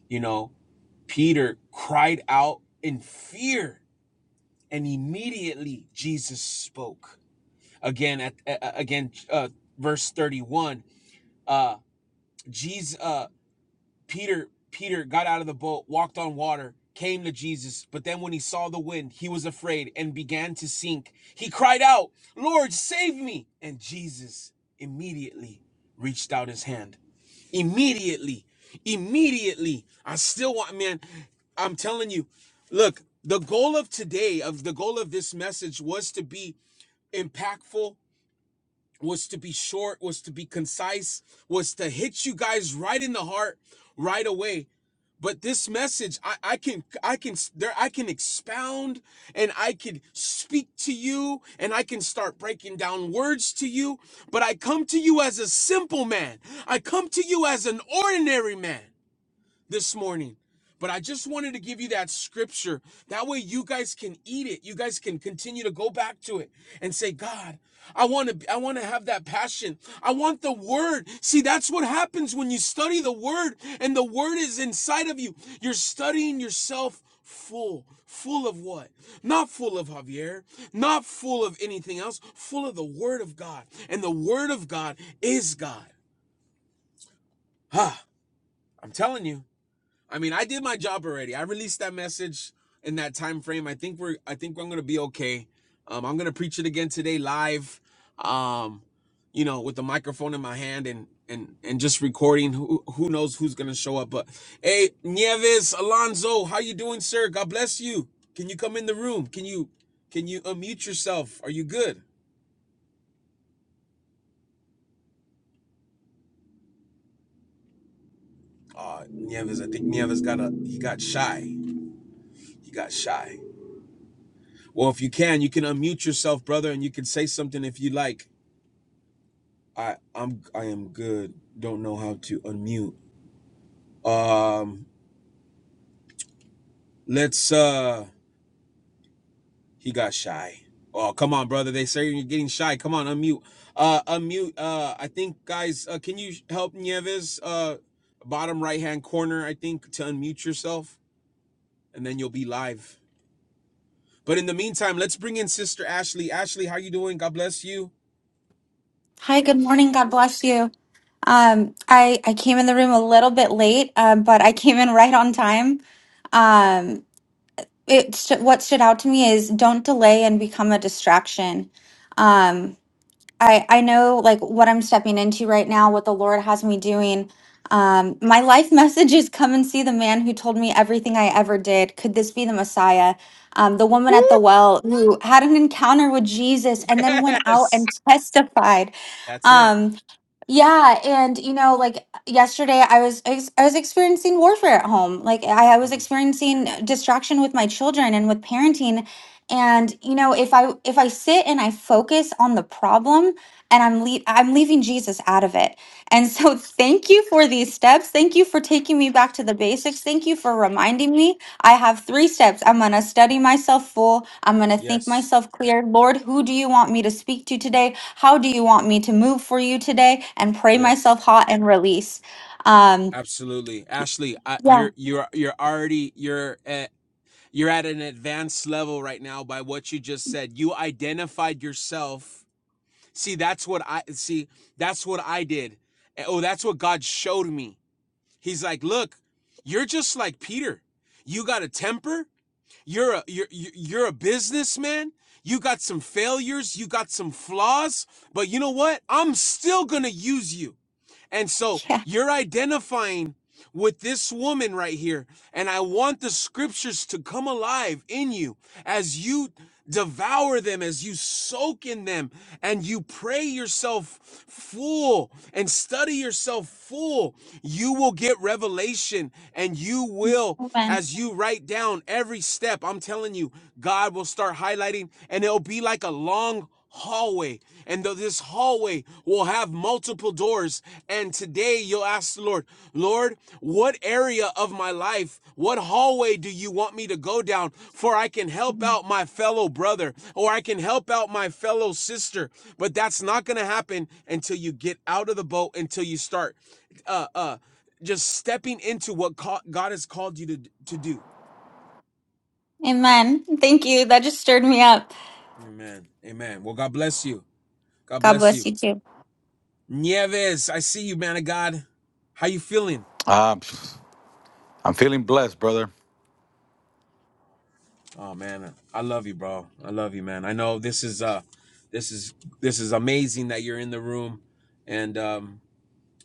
Speaker 1: You know, Peter cried out in fear, and immediately Jesus spoke. Again, at, a- again, uh, verse 31. Uh, Jesus. uh, Peter Peter got out of the boat, walked on water, came to Jesus, but then when he saw the wind, he was afraid and began to sink. He cried out, "Lord, save me!" And Jesus immediately reached out his hand. Immediately. Immediately. I still want man, I'm telling you. Look, the goal of today of the goal of this message was to be impactful was to be short, was to be concise, was to hit you guys right in the heart right away. But this message, I, I can, I can, there, I can expound and I can speak to you and I can start breaking down words to you. But I come to you as a simple man. I come to you as an ordinary man this morning. But I just wanted to give you that scripture. That way you guys can eat it. You guys can continue to go back to it and say, God, I want to I want to have that passion. I want the word. See, that's what happens when you study the word and the word is inside of you. You're studying yourself full. Full of what? Not full of Javier, not full of anything else, full of the word of God. And the word of God is God. Huh, I'm telling you. I mean, I did my job already. I released that message in that time frame. I think we're I think I'm gonna be okay. Um, I'm gonna preach it again today live. Um, you know, with the microphone in my hand and and and just recording. Who who knows who's gonna show up? But hey, Nieves Alonso, how you doing, sir? God bless you. Can you come in the room? Can you can you unmute yourself? Are you good? Uh Nieves, I think Nieves got a he got shy. He got shy. Well, if you can, you can unmute yourself, brother, and you can say something if you like. I I'm I am good. Don't know how to unmute. Um, let's uh he got shy. Oh, come on, brother. They say you're getting shy. Come on, unmute. Uh unmute. Uh I think guys, uh can you help Nieves uh bottom right-hand corner, I think, to unmute yourself and then you'll be live. But in the meantime, let's bring in Sister Ashley. Ashley, how you doing? God bless you.
Speaker 3: Hi, good morning. God bless you. Um, I I came in the room a little bit late, um, but I came in right on time. Um, it stu- what stood out to me is don't delay and become a distraction. Um, I I know like what I'm stepping into right now, what the Lord has me doing. Um, my life message is come and see the man who told me everything I ever did. Could this be the Messiah? Um, the woman
Speaker 1: Woo!
Speaker 3: at the well who had an encounter with Jesus and then went out
Speaker 1: Yes.
Speaker 3: and testified.
Speaker 1: That's it.
Speaker 3: Um, yeah, and you know, like yesterday, I was ex I was experiencing warfare at home. Like I, I was
Speaker 1: Mm.
Speaker 3: experiencing distraction with my children and with parenting. And you know, if I if I sit and I focus on the problem, and I'm le I'm leaving Jesus out of it. And so, thank you for these steps. Thank you for taking me back to the basics. Thank you for reminding me. I have three steps. I'm gonna study myself full. I'm gonna think
Speaker 1: Yes.
Speaker 3: myself clear. Lord, who do you want me to speak to today? How do you want me to move for you today? And pray
Speaker 1: Yes.
Speaker 3: myself hot and release. Um,
Speaker 1: Absolutely. Ashley, I,
Speaker 3: yeah.
Speaker 1: you're you're you're already you're at you're at an advanced level right now by what you just said. You identified yourself. See, that's what I see, that's what I did. Eh, Oh, that's what God showed me. He's like, "Look, you're just like Peter. You got a temper. You're a you're you're you're a businessman. You got some failures, you got some flaws, but you know what? I'm still going to use you. And so
Speaker 3: Yeah.
Speaker 1: you're identifying with this woman right here. And I want the scriptures to come alive in you as you devour them, as you soak in them, and you pray yourself full and study yourself full. You will get revelation and you will,
Speaker 3: Amen.
Speaker 1: as you write down every step, I'm telling you, God will start highlighting and it'll be like a long hallway and th- this hallway will have multiple doors and today you'll ask the lord lord what area of my life what hallway do you want me to go down for i can help out my fellow brother or i can help out my fellow sister but that's not going to happen until you get out of the boat until you start uh uh just stepping into what god has called you to to do
Speaker 3: Amen. Thank you. That just stirred me up.
Speaker 1: amen amen well god bless you god
Speaker 3: God
Speaker 1: bless you
Speaker 3: bless you too.
Speaker 1: Nieves, I see you, man of God. How you feeling?
Speaker 4: Um, I'm feeling blessed, brother.
Speaker 1: Oh man, I love you, bro. I love you, man. I know this is uh this is this is amazing that you're in the room. And um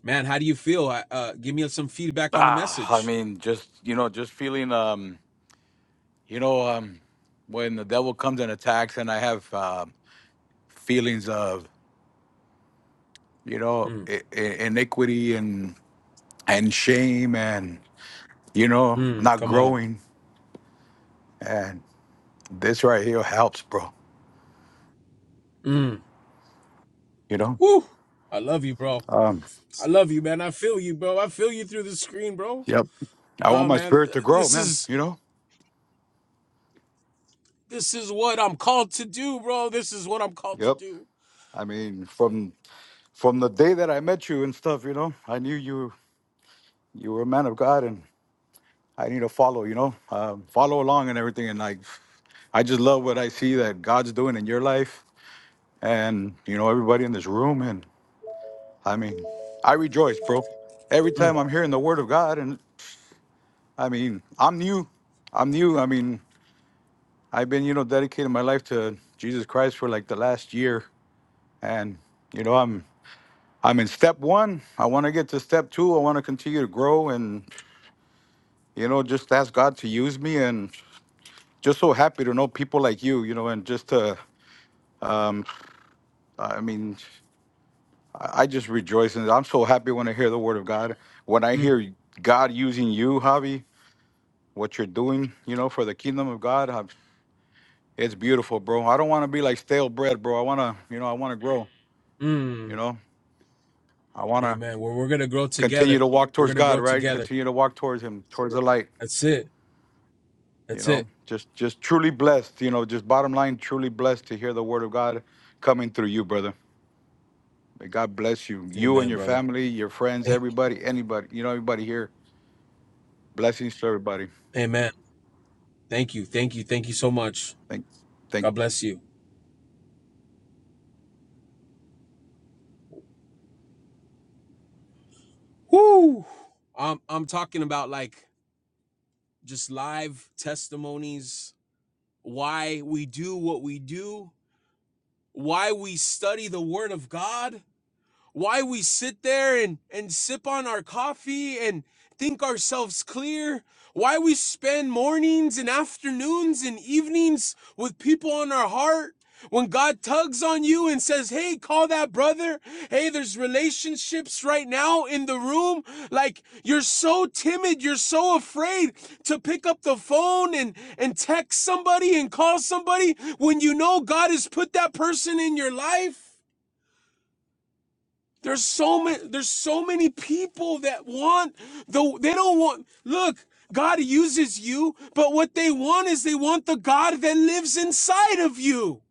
Speaker 1: man, how do you feel? I, uh give me some feedback on the
Speaker 4: Ah, I
Speaker 1: message.
Speaker 4: mean, just you know, just feeling. Um, you know, um, when the devil comes and attacks, and I have uh, feelings of you know
Speaker 1: Mm,
Speaker 4: I- I- iniquity and and shame, and you know,
Speaker 1: mm,
Speaker 4: not
Speaker 1: come on.
Speaker 4: growing, and this right here helps, bro.
Speaker 1: Mm.
Speaker 4: You know.
Speaker 1: Woo! I love you, bro.
Speaker 4: Um.
Speaker 1: I love you, man. I feel you, bro. I feel you through the screen, bro.
Speaker 4: Yep. I want
Speaker 1: Oh
Speaker 4: my
Speaker 1: man,
Speaker 4: spirit to grow,
Speaker 1: this
Speaker 4: man.
Speaker 1: is
Speaker 4: You know.
Speaker 1: this is what I'm called to do, bro. This is what I'm called to
Speaker 4: Yep.
Speaker 1: do.
Speaker 4: I mean, from from the day that I met you and stuff, you know, I knew you you were a man of God, and I need to follow, you know, um, follow along and everything. And like, I just love what I see that God's doing in your life and, you know, everybody in this room. And I mean, I rejoice, bro. Every
Speaker 1: Mm,
Speaker 4: time I'm hearing the word of God. And I mean, I'm new. I'm new. I mean, I've been, you know, dedicating my life to Jesus Christ for like the last year. And, you know, I'm, I'm in step one. I want to get to step two. I want to continue to grow and, you know, just ask God to use me. And just so happy to know people like you, you know, and just to, Um, I mean, I I just rejoice in it. I'm so happy when I hear the word of God. When I
Speaker 1: mm,
Speaker 4: hear God using you, Javi, what you're doing, you know, for the kingdom of God, i it's beautiful, bro. I don't want to be like stale bread, bro. I want to, you know, I want to grow,
Speaker 1: mm.
Speaker 4: you know, I want to
Speaker 1: Amen. Well, we're gonna grow together.
Speaker 4: continue to walk
Speaker 1: We're
Speaker 4: towards
Speaker 1: gonna
Speaker 4: God,
Speaker 1: grow
Speaker 4: right?
Speaker 1: together.
Speaker 4: Continue to walk towards Him, towards the light,
Speaker 1: That's it.
Speaker 4: you
Speaker 1: That's
Speaker 4: know,
Speaker 1: it.
Speaker 4: just, just truly blessed, you know, just bottom line, truly blessed to hear the word of God coming through you, brother. May God bless you, you and
Speaker 1: Amen,
Speaker 4: your
Speaker 1: brother.
Speaker 4: family, your friends,
Speaker 1: Thank-
Speaker 4: everybody, anybody, you know, everybody here Blessings to everybody.
Speaker 1: Amen. Thank you. Thank you. Thank you so much.
Speaker 4: Thank, thank
Speaker 1: God bless you. Woo! I'm I'm talking about like just live testimonies, why we do what we do, why we study the Word of God, why we sit there and, and sip on our coffee and think ourselves clear, why we spend mornings and afternoons and evenings with people on our heart. When God tugs on you and says, Hey, call that brother. Hey, there's relationships right now in the room. Like you're so timid. You're so afraid to pick up the phone and, and text somebody and call somebody when you know God has put that person in your life. There's so many there's so many people that want the they don't want look, God uses you, but what they want is they want the God that lives inside of you.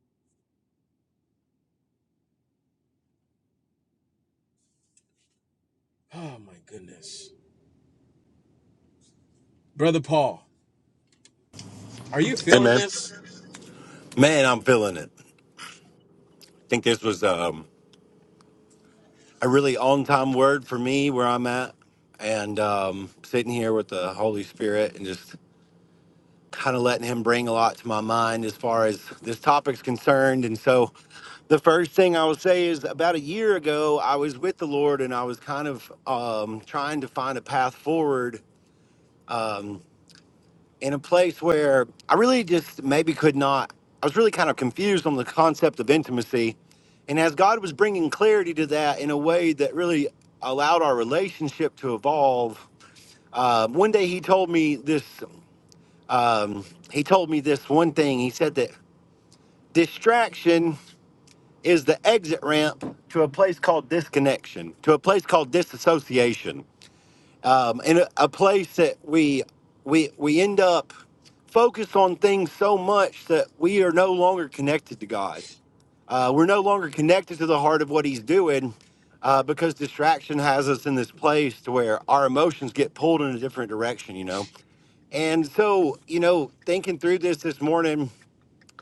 Speaker 1: Oh my goodness. Brother Paul, are you
Speaker 5: Hey
Speaker 1: feeling
Speaker 5: man,
Speaker 1: this?
Speaker 5: man, I'm feeling it. I think this was um, a really on-time word for me where I'm at, and um, sitting here with the Holy Spirit and just kind of letting Him bring a lot to my mind as far as this topic's concerned. And so, the first thing I will say is about a year ago, I was with the Lord and I was kind of um, trying to find a path forward in a place where I really just maybe could not. I was really kind of confused on the concept of intimacy. And as God was bringing clarity to that in a way that really allowed our relationship to evolve, uh, one day he told me this. Um, he told me this one thing. He said that distraction is the exit ramp to a place called disconnection, to a place called disassociation um, in a, a place that we we we end up focused on things so much that we are no longer connected to God. Uh, we're no longer connected to the heart of what He's doing uh, because distraction has us in this place to where our emotions get pulled in a different direction. You know, and so, you know, thinking through this this morning,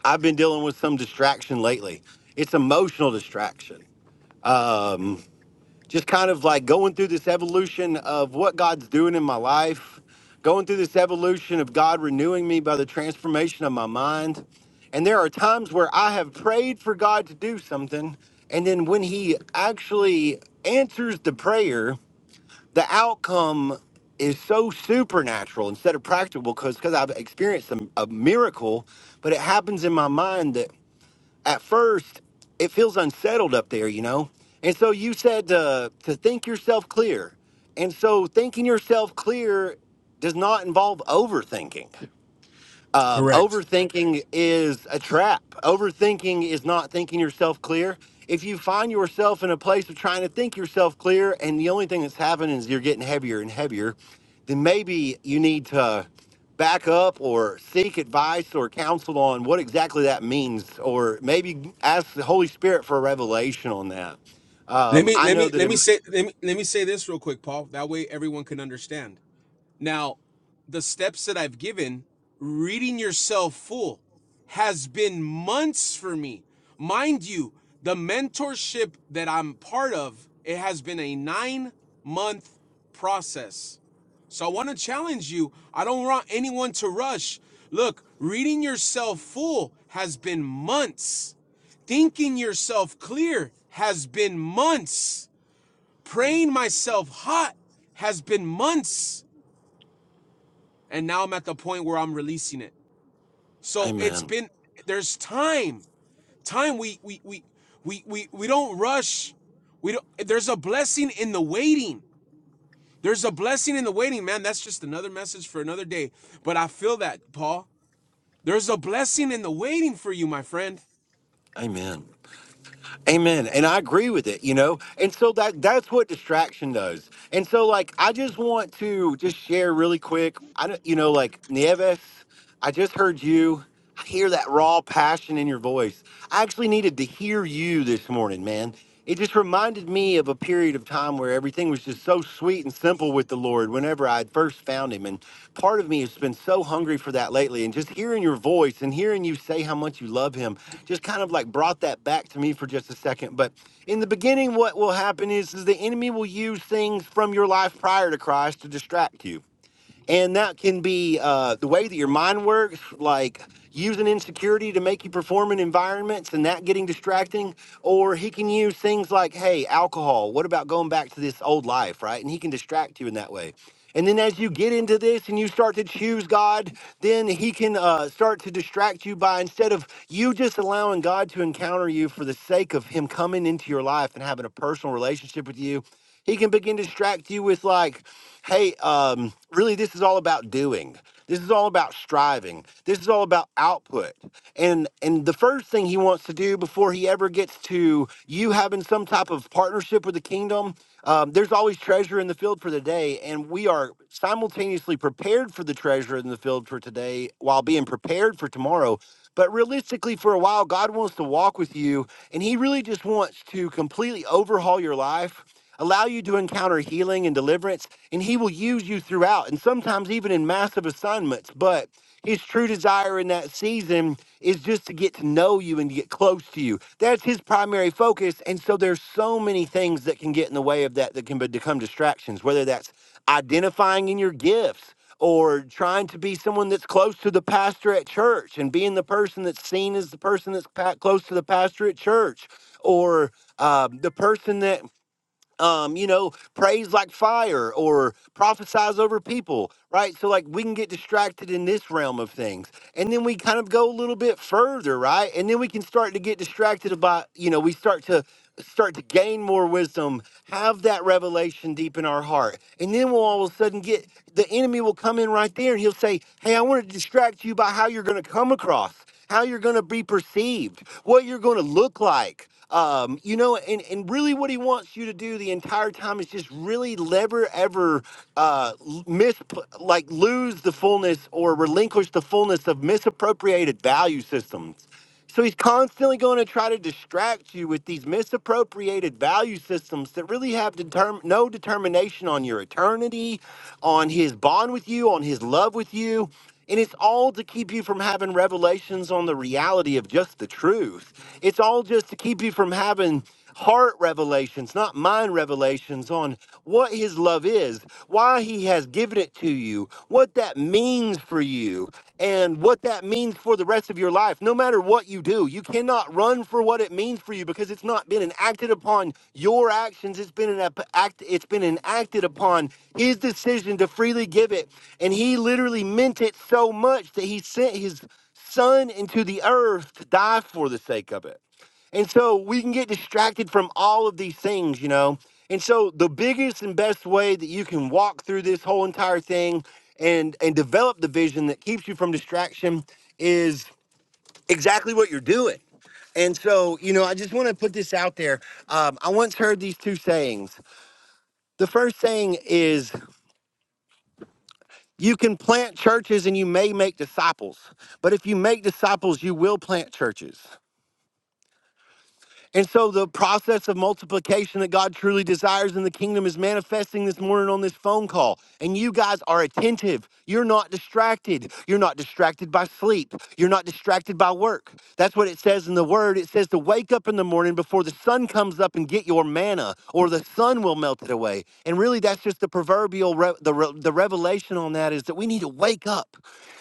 Speaker 5: I've been dealing with some distraction lately. It's emotional distraction just kind of like going through this evolution of what God's doing in my life, going through this evolution of God renewing me by the transformation of my mind. And there are times where I have prayed for God to do something. And then when He actually answers the prayer, the outcome is so supernatural instead of practical because because I've experienced a, a miracle, but it happens in my mind that at first it feels unsettled up there, you know? And so you said uh, to think yourself clear. And so thinking yourself clear does not involve overthinking um,
Speaker 1: Correct.
Speaker 5: overthinking is a trap. Overthinking is not thinking yourself clear. If you find yourself in a place of trying to think yourself clear, and the only thing that's happening is you're getting heavier and heavier, then maybe you need to back up or seek advice or counsel on what exactly that means, or maybe ask the Holy Spirit for a revelation on that.
Speaker 1: Let
Speaker 5: Um,
Speaker 1: me
Speaker 5: I
Speaker 1: let
Speaker 5: know
Speaker 1: me
Speaker 5: that
Speaker 1: let me
Speaker 5: in
Speaker 1: say let me let me say this real quick, Paul. That way everyone can understand. Now, the steps that I've given, reading yourself full, has been months for me. Mind you, the mentorship that I'm part of, it has been a nine month process. So I want to challenge you. I don't want anyone to rush. Look, reading yourself full has been months. Thinking yourself clear has been months.
Speaker 5: mm,
Speaker 1: Praying myself hot has been months and now I'm at the point where I'm releasing it. So it's
Speaker 5: Amen.
Speaker 1: been there's time. Time we we we we we, we don't rush. We don't there's a blessing in the waiting. There's a blessing in the waiting, man. That's just another message for another day. But I feel that, Paul. There's a blessing in the waiting for you, my friend.
Speaker 5: Amen. Amen. And I agree with it, you know? And so that that's what distraction does. And so like I just want to just share really quick. I don't you know, like Nieves, I just heard you. I hear that raw passion in your voice. I actually needed to hear you this morning, man it just reminded me of a period of time where everything was just so sweet and simple with the Lord whenever I had first found him. And part of me has been so hungry for that lately. And just hearing your voice and hearing you say how much you love him just kind of like brought that back to me for just a second. But in the beginning, what will happen is, is the enemy will use things from your life prior to Christ to distract you and that can be uh, the way that your mind works, like using insecurity to make you perform in environments and that getting distracting. Or he can use things like, hey, alcohol, what about going back to this old life, right? And he can distract you in that way. And then as you get into this and you start to choose God, then he can uh, start to distract you by instead of you just allowing God to encounter you for the sake of him coming into your life and having a personal relationship with you. He can begin to distract you with like, hey, um, really this is all about doing. This is all about striving. This is all about output. And and the first thing he wants to do before he ever gets to you having some type of partnership with the kingdom, um, there's always treasure in the field for the day, and we are simultaneously prepared for the treasure in the field for today while being prepared for tomorrow. But realistically, for a while, God wants to walk with you, and He really just wants to completely overhaul your life allow you to encounter healing and deliverance, and He will use you throughout, and sometimes even in massive assignments. But His true desire in that season is just to get to know you and to get close to you. That's His primary focus. And so there's so many things that can get in the way of that that can be- become distractions, whether that's identifying in your gifts or trying to be someone that's close to the pastor at church and being the person that's seen as the person that's pa- close to the pastor at church or um, the person that um, you know, praise like fire or prophesize over people, right? So, like, we can get distracted in this realm of things. And then we kind of go a little bit further, right? And then we can start to get distracted about, you know, we start to start to gain more wisdom, have that revelation deep in our heart. And then we'll all of a sudden get the enemy will come in right there and he'll say, Hey, I want to distract you by how you're going to come across, how you're going to be perceived, what you're going to look like. Um, you know, and, and really what he wants you to do the entire time is just really never ever uh, l- mis like lose the fullness or relinquish the fullness of misappropriated value systems. So he's constantly going to try to distract you with these misappropriated value systems that really have determ- no determination on your eternity, on his bond with you, on his love with you. And it's all to keep you from having revelations on the reality of just the truth. It's all just to keep you from having heart revelations, not mind revelations on what his love is, why he has given it to you, what that means for you and what that means for the rest of your life. No matter what you do, you cannot run for what it means for you because it's not been enacted upon your actions. It's been an ep- act. It's been enacted upon His decision to freely give it, and He literally meant it so much that He sent His Son into the earth to die for the sake of it. And so we can get distracted from all of these things, you know. And so the biggest and best way that you can walk through this whole entire thing and and develop the vision that keeps you from distraction is exactly what you're doing. And so, you know, I just want to put this out there. Um, I once heard these two sayings. The first saying is, you can plant churches and you may make disciples, but if you make disciples, you will plant churches. And so the process of multiplication that God truly desires in the kingdom is manifesting this morning on this phone call. And you guys are attentive. You're not distracted. You're not distracted by sleep. You're not distracted by work. That's what it says in the word. It says to wake up in the morning before the sun comes up and get your get your manna, or the sun will melt it away. And really, that's just the proverbial re- the re- the revelation on that is that we need to wake up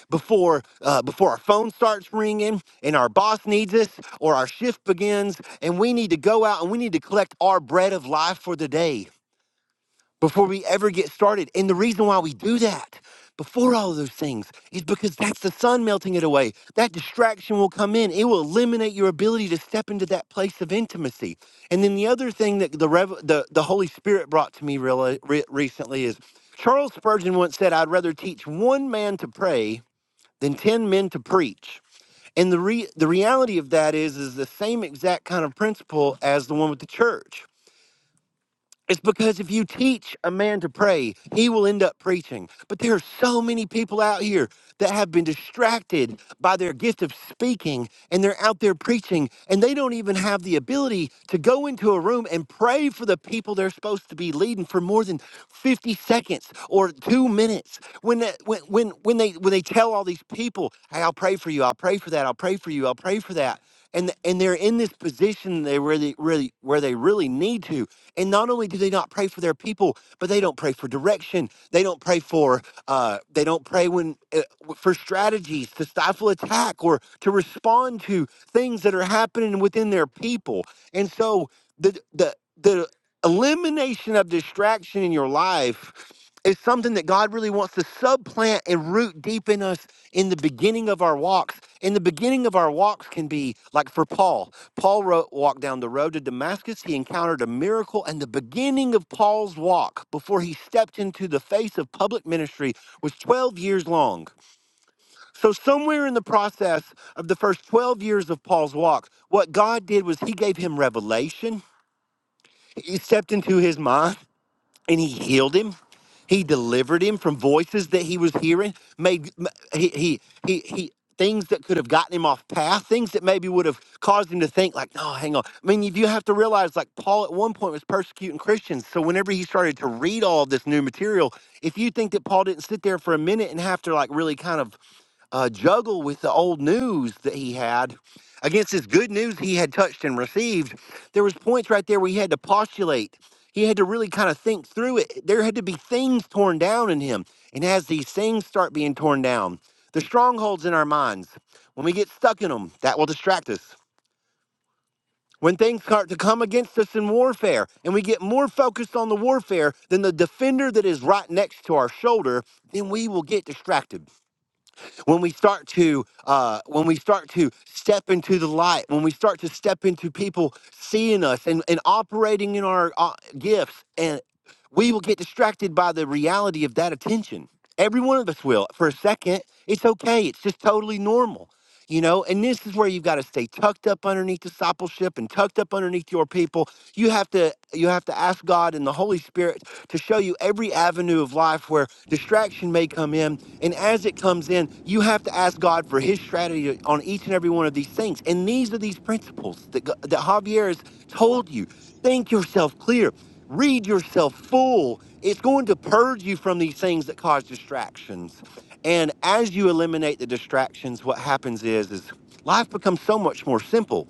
Speaker 5: before uh, before our phone starts ringing and our boss needs us or our shift begins, and we need to go out and we need to collect our bread of life for the day before we ever get started. And the reason why we do that before all of those things is because that's the sun melting it away. That distraction will come in. It will eliminate your ability to step into that place of intimacy. And then the other thing that the rev- the, the Holy Spirit brought to me really, re- recently is Charles Spurgeon once said, "I'd rather teach one man to pray than 10 men to preach." And the re- the reality of that is is the same exact kind of principle as the one with the church it's because if you teach a man to pray, he will end up preaching. But there are so many people out here that have been distracted by their gift of speaking and they're out there preaching and they don't even have the ability to go into a room and pray for the people they're supposed to be leading for more than 50 seconds or 2 minutes. When that, when when when they when they tell all these people, "Hey, I'll pray for you. I'll pray for that. I'll pray for you. I'll pray for that." and and they're in this position they really really where they really need to and not only do they not pray for their people but they don't pray for direction they don't pray for uh they don't pray when uh, for strategies to stifle attack or to respond to things that are happening within their people and so the the the elimination of distraction in your life is something that God really wants to subplant and root deep in us in the beginning of our walks. In the beginning of our walks can be like for Paul. Paul wrote, walked down the road to Damascus. He encountered a miracle, and the beginning of Paul's walk before he stepped into the face of public ministry was 12 years long. So, somewhere in the process of the first 12 years of Paul's walk, what God did was he gave him revelation. He stepped into his mind and he healed him. He delivered him from voices that he was hearing, made he he he he things that could have gotten him off path, things that maybe would have caused him to think like, no, hang on. I mean, you have to realize like Paul at one point was persecuting Christians. So whenever he started to read all this new material, if you think that Paul didn't sit there for a minute and have to like really kind of uh, juggle with the old news that he had against this good news he had touched and received there was points right there where he had to postulate he had to really kind of think through it there had to be things torn down in him and as these things start being torn down the strongholds in our minds when we get stuck in them that will distract us when things start to come against us in warfare and we get more focused on the warfare than the defender that is right next to our shoulder then we will get distracted when we start to uh, when we start to step into the light when we start to step into people seeing us and, and operating in our uh, gifts and we will get distracted by the reality of that attention every one of us will for a second it's okay it's just totally normal you know and this is where you've got to stay tucked up underneath discipleship and tucked up underneath your people you have to you have to ask god and the holy spirit to show you every avenue of life where distraction may come in and as it comes in you have to ask god for his strategy on each and every one of these things and these are these principles that, G- that javier has told you think yourself clear Read yourself full. It's going to purge you from these things that cause distractions. And as you eliminate the distractions, what happens is, is life becomes so much more simple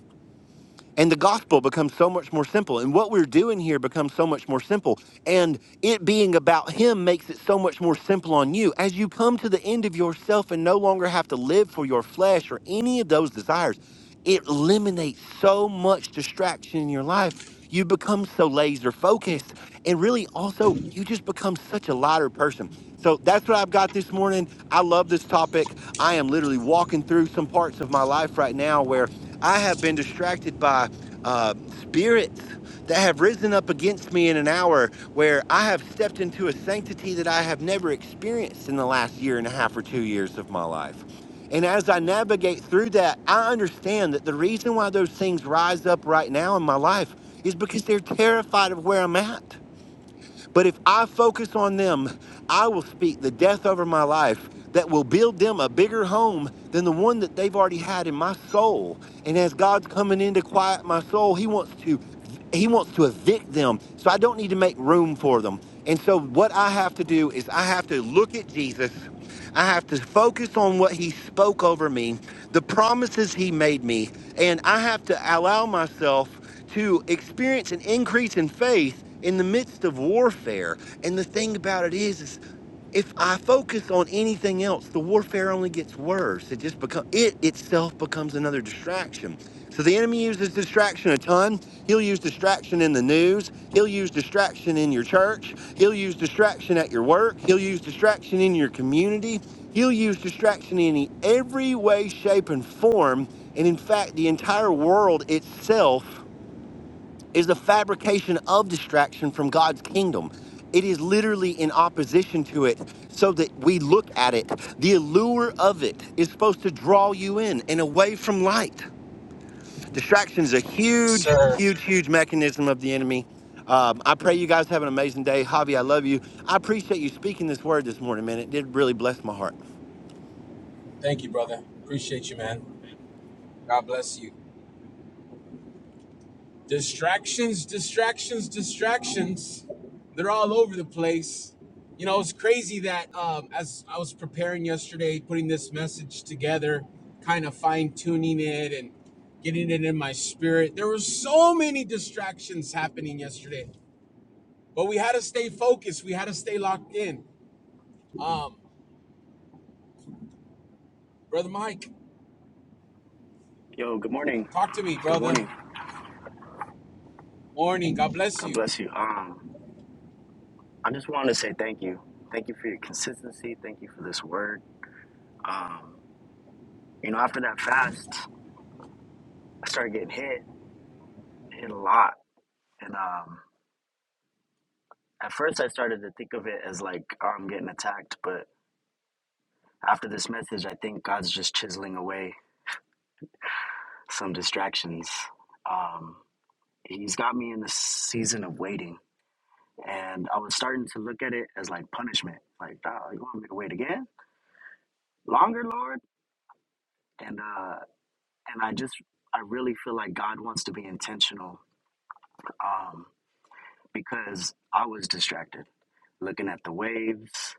Speaker 5: and the gospel becomes so much more simple. And what we're doing here becomes so much more simple. And it being about Him makes it so much more simple on you. As you come to the end of yourself and no longer have to live for your flesh or any of those desires, it eliminates so much distraction in your life. You become so laser focused. And really, also, you just become such a lighter person. So that's what I've got this morning. I love this topic. I am literally walking through some parts of my life right now where I have been distracted by uh, spirits that have risen up against me in an hour where I have stepped into a sanctity that I have never experienced in the last year and a half or two years of my life. And as I navigate through that, I understand that the reason why those things rise up right now in my life is because they're terrified of where I'm at. But if I focus on them, I will speak the death over my life that will build them a bigger home than the one that they've already had in my soul. And as God's coming in to quiet my soul, he wants to he wants to evict them. So I don't need to make room for them. And so, what I have to do is, I have to look at Jesus. I have to focus on what he spoke over me, the promises he made me, and I have to allow myself to experience an increase in faith in the midst of warfare. And the thing about it is, is if I focus on anything else, the warfare only gets worse. It just become it itself becomes another distraction. So the enemy uses distraction a ton. He'll use distraction in the news. He'll use distraction in your church. He'll use distraction at your work. He'll use distraction in your community. He'll use distraction in every way, shape, and form. And in fact, the entire world itself is the fabrication of distraction from God's kingdom. It is literally in opposition to it so that we look at it. The allure of it is supposed to draw you in and away from light. Distraction is a huge,
Speaker 1: Sir,
Speaker 5: huge, huge mechanism of the enemy. Um, I pray you guys have an amazing day. Javi, I love you. I appreciate you speaking this word this morning, man. It did really bless my heart.
Speaker 1: thank you, brother. Appreciate you, man. God bless you. Distractions, distractions, distractions. They're all over the place. You know, it's crazy that um, as I was preparing yesterday, putting this message together, kind of fine tuning it and getting it in my spirit, there were so many distractions happening yesterday. But we had to stay focused, we had to stay locked in. Um, Brother Mike,
Speaker 6: Yo, good morning.
Speaker 1: talk to me,
Speaker 6: Good
Speaker 1: brother.
Speaker 6: morning.
Speaker 1: Morning. God bless
Speaker 6: God
Speaker 1: you.
Speaker 6: bless you. Um, I just wanted to say thank you. Thank you for your consistency. Thank you for this word. Um, you know, after that fast, I started getting hit, hit a lot, and um, at first I started to think of it as like oh, I'm getting attacked, but after this message, I think God's just chiseling away some distractions. Um, he's got me in the season of waiting, and I was starting to look at it as like punishment. Like, oh, you want me to wait again? Longer, Lord? and uh, and I just I really feel like God wants to be intentional um, because I was distracted, looking at the waves,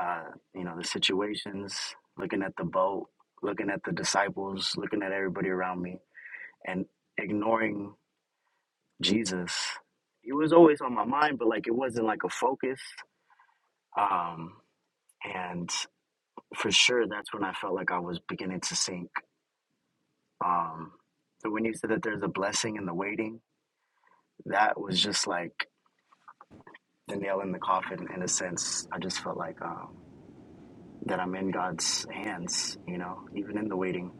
Speaker 6: uh, you know, the situations, looking at the boat, looking at the disciples, looking at everybody around me, and ignoring Jesus. It was always on my mind, but like it wasn't like a focus. Um, and for sure, that's when I felt like I was beginning to sink. Um, so when you said that there's a blessing in the waiting, that was just like the nail in the coffin in a sense. I just felt like um, that I'm in God's hands, you know, even in the waiting.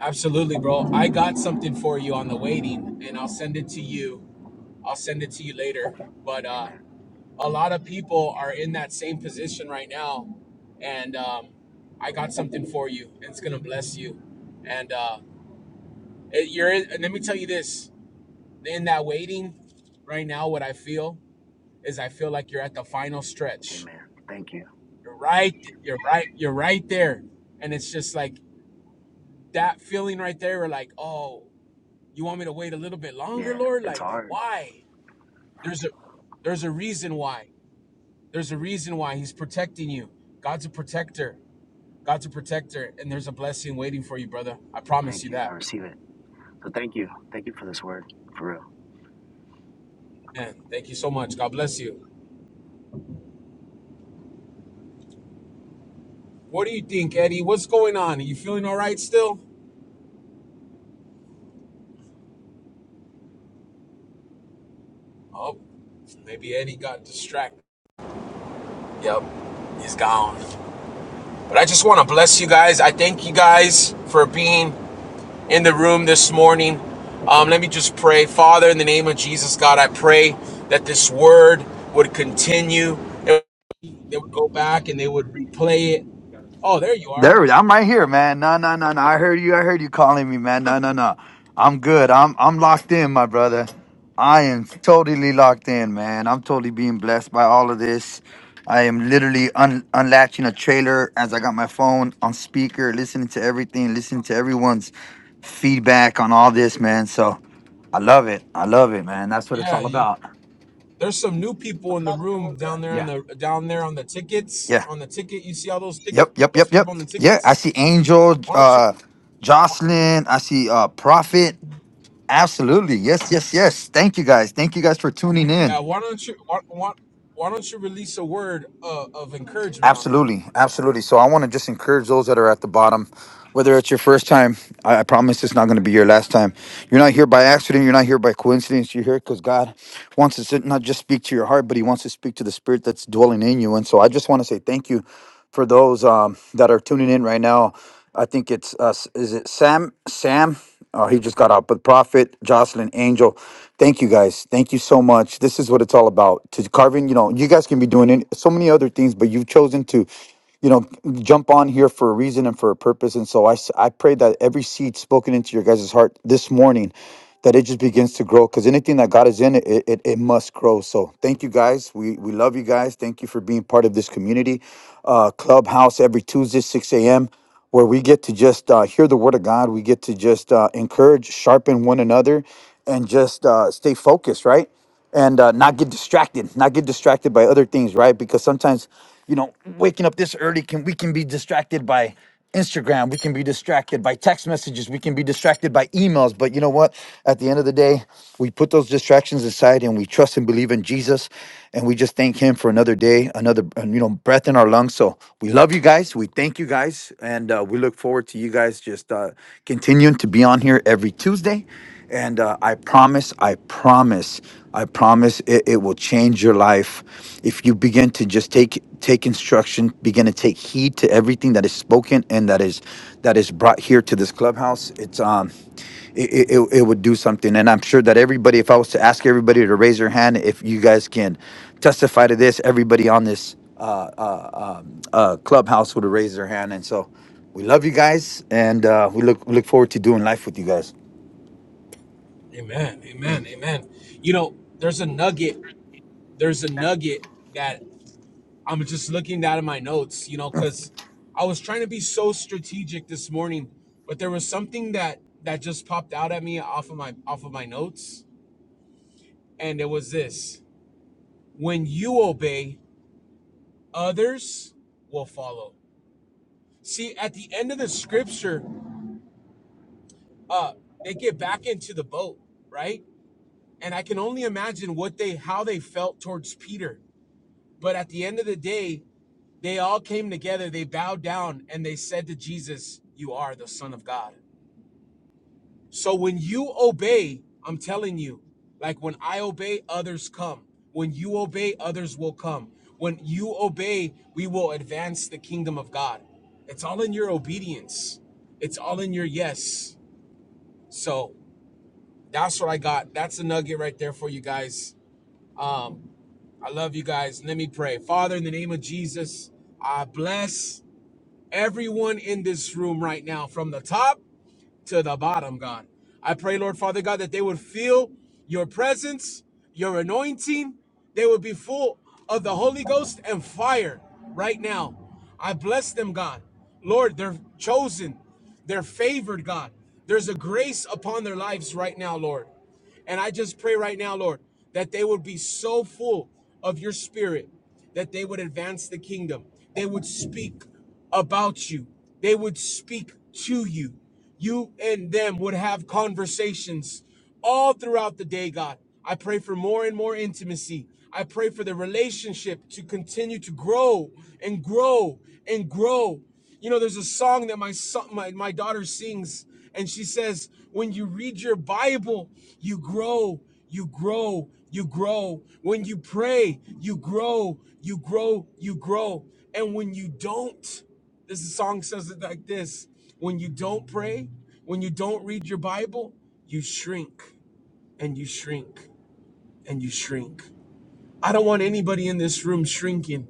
Speaker 1: Absolutely, bro. I got something for you on the waiting, and I'll send it to you. I'll send it to you later. But uh,
Speaker 6: Amen.
Speaker 1: a lot of people are in that same position right now, and um, I got something for you, and it's gonna bless you. And uh, it, you're. In, and let me tell you this: in that waiting, right now, what I feel is I feel like you're at the final stretch.
Speaker 6: Amen. Thank you.
Speaker 1: You're right. You're right. You're right there, and it's just like that feeling right there. We're like, oh. You want me to wait a little bit longer,
Speaker 6: Yeah,
Speaker 1: Lord?
Speaker 6: it's
Speaker 1: Like,
Speaker 6: hard.
Speaker 1: why? There's a there's a reason why. There's a reason why he's protecting you. God's a protector. God's a protector and there's a blessing waiting for you, brother. I promise
Speaker 6: Thank
Speaker 1: you
Speaker 6: you. I
Speaker 1: that.
Speaker 6: receive it. So thank you. Thank you for this word, for real.
Speaker 1: Man, thank you so much. God bless you. What do you think, Eddie? What's going on? Are you feeling all right still? Oh, maybe Eddie got distracted. Yep, he's gone. But I just want to bless you guys. I thank you guys for being in the room this morning. Um, let me just pray. Father, in the name of Jesus, God, I pray that this word would continue. they would go back and they would replay it. Oh, there you are.
Speaker 2: There, we- I'm right here, man. No, no, no, no. I heard you. I heard you calling me, man. No, no, no. I'm good. I'm I'm locked in, my brother. I am totally locked in, man. I'm totally being blessed by all of this. I am literally un- unlatching a trailer as I got my phone on speaker, listening to everything, listening to everyone's feedback on all this, man. So I love it. I love it, man. That's what it's
Speaker 1: Yeah,
Speaker 2: all
Speaker 1: you,
Speaker 2: about.
Speaker 1: there's some new people in the room down there in
Speaker 2: Yeah.
Speaker 1: the down there on the tickets
Speaker 2: Yeah.
Speaker 1: on the ticket. You see all those ticket
Speaker 2: Yep. Yep.
Speaker 1: those
Speaker 2: Yep.
Speaker 1: people
Speaker 2: Yep.
Speaker 1: on the
Speaker 2: Yeah. I
Speaker 1: tickets.
Speaker 2: see Angel,
Speaker 1: Why don't
Speaker 2: uh,
Speaker 1: you?
Speaker 2: Jocelyn. I see uh Prophet. Absolutely. Yes, yes, yes. Thank you guys. Thank you guys for tuning in.
Speaker 1: Uh, why don't you? Why, why, why don't you release a word uh, of encouragement on them?
Speaker 2: Absolutely. Absolutely. So I want to just encourage those that are at the bottom, whether it's your first time, I, I promise it's not going to be your last time. You're not here by accident. You're not here by coincidence. You're here because God wants to sit- not just speak to your heart, but He wants to speak to the spirit that's dwelling in you. And so I just want to say thank you for those um, that are tuning in right now. I think it's us. Is it Sam? Sam? Uh, he just got out. But Prophet, Jocelyn, Angel, thank you guys. Thank you so much. This is what it's all about. To Carvin, you know, you guys can be doing any, so many other things, but you've chosen to, you know, jump on here for a reason and for a purpose. And so I, s- I pray that every seed spoken into your guys' heart this morning, that it just begins to grow because anything that God is in, it, it, it must grow. So thank you guys. We, we love you guys. Thank you for being part of this community. Uh, Clubhouse every Tuesday, 6 a.m where we get to just uh, hear the word of God. We get to just uh, encourage, sharpen one another, and just uh, stay focused, right? And uh, not get distracted, not get distracted by other things, right? Because sometimes, you know, waking up this early can we can be distracted by Instagram, we can be distracted by text messages, we can be distracted by emails. But you know what? At the end of the day, we put those distractions aside and we trust and believe in Jesus and we just thank him for another day, another uh, you know breath in our lungs. So we love you guys. We thank you guys, and uh, we look forward to you guys just uh, continuing to be on here every Tuesday. And uh, I promise, I promise, I promise, it, it will change your life if you begin to just take take instruction, begin to take heed to everything that is spoken and that is that is brought here to this clubhouse. It's um it, it, it would do something. And I'm sure that everybody, if I was to ask everybody to raise their hand, if you guys can testify to this, everybody on this uh, uh, um, uh, clubhouse would have raised their hand. And so we love you guys, and uh, we look we look forward to doing life with you guys.
Speaker 1: Amen. Amen.
Speaker 2: Mm.
Speaker 1: Amen. You know, there's a nugget there's a nugget that I'm just looking out of my notes, you know, because I was trying to be so strategic this morning, but there was something that that just popped out at me off of my off of my notes, and it was this: when you obey, others will follow. See, at the end of the scripture, uh, they get back into the boat, right? And I can only imagine what they how they felt towards Peter. But at the end of the day, They all came together, they bowed down, and they said to Jesus, You are the Son of God. So when you obey, I'm telling you, like when I obey, others come. When you obey, others will come. When you obey, we will advance the kingdom of God. It's all in your obedience, it's all in your yes. So that's what I got. That's a nugget right there for you guys. Um, I love you guys. Let me pray. Father, in the name of Jesus, I bless. everyone in this room right now, from the top to the bottom, God. I pray, Lord Father God, that they would feel your presence, your anointing. They would be full of the Holy Ghost and fire right now. I bless them, God. Lord, they're chosen, they're favored, God. There's a grace upon their lives right now, Lord. And I just pray right now, Lord, that they would be so full of your spirit that they would advance the kingdom. They would speak about you, they would speak to you. You and them would have conversations all throughout the day, God. I pray for more and more intimacy. I pray for the relationship to continue to grow and grow and grow. You know, there's a song that my son, my, my daughter sings, and she says, When you read your Bible, you grow, you grow, you grow. When you pray, you grow, you grow, you grow. And when you don't, this song says it like this when you don't pray, when you don't read your Bible, you shrink and you shrink and you shrink. I don't want anybody in this room shrinking.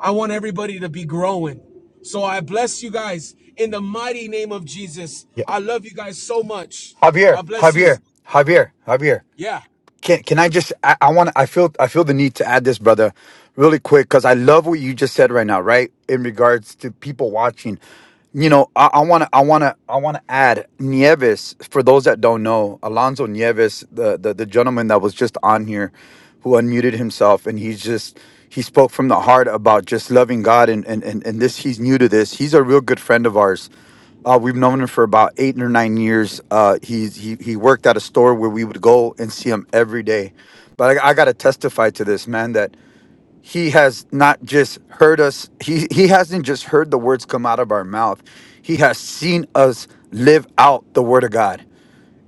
Speaker 1: I want everybody to be growing. So I bless you guys in the mighty name of Jesus.
Speaker 2: Yeah,
Speaker 1: I love you guys so much.
Speaker 2: Javier,
Speaker 1: God bless you.
Speaker 2: Javier, Javier, Javier.
Speaker 1: Yeah.
Speaker 2: Can can I just? I, I want. I feel. I feel the need to add this, brother, really quick, because I love what you just said right now, right? In regards to people watching, you know, I, I wanna I wanna I wanna add Nieves, for those that don't know, Alonzo Nieves, the, the the gentleman that was just on here who unmuted himself and he's just he spoke from the heart about just loving God and and and, and this he's new to this. He's a real good friend of ours. Uh, we've known him for about eight or nine years. Uh, he's he he worked at a store where we would go and see him every day. But I, I got to testify to this man that he has not just heard us he he hasn't just heard the words come out of our mouth he has seen us live out the word of god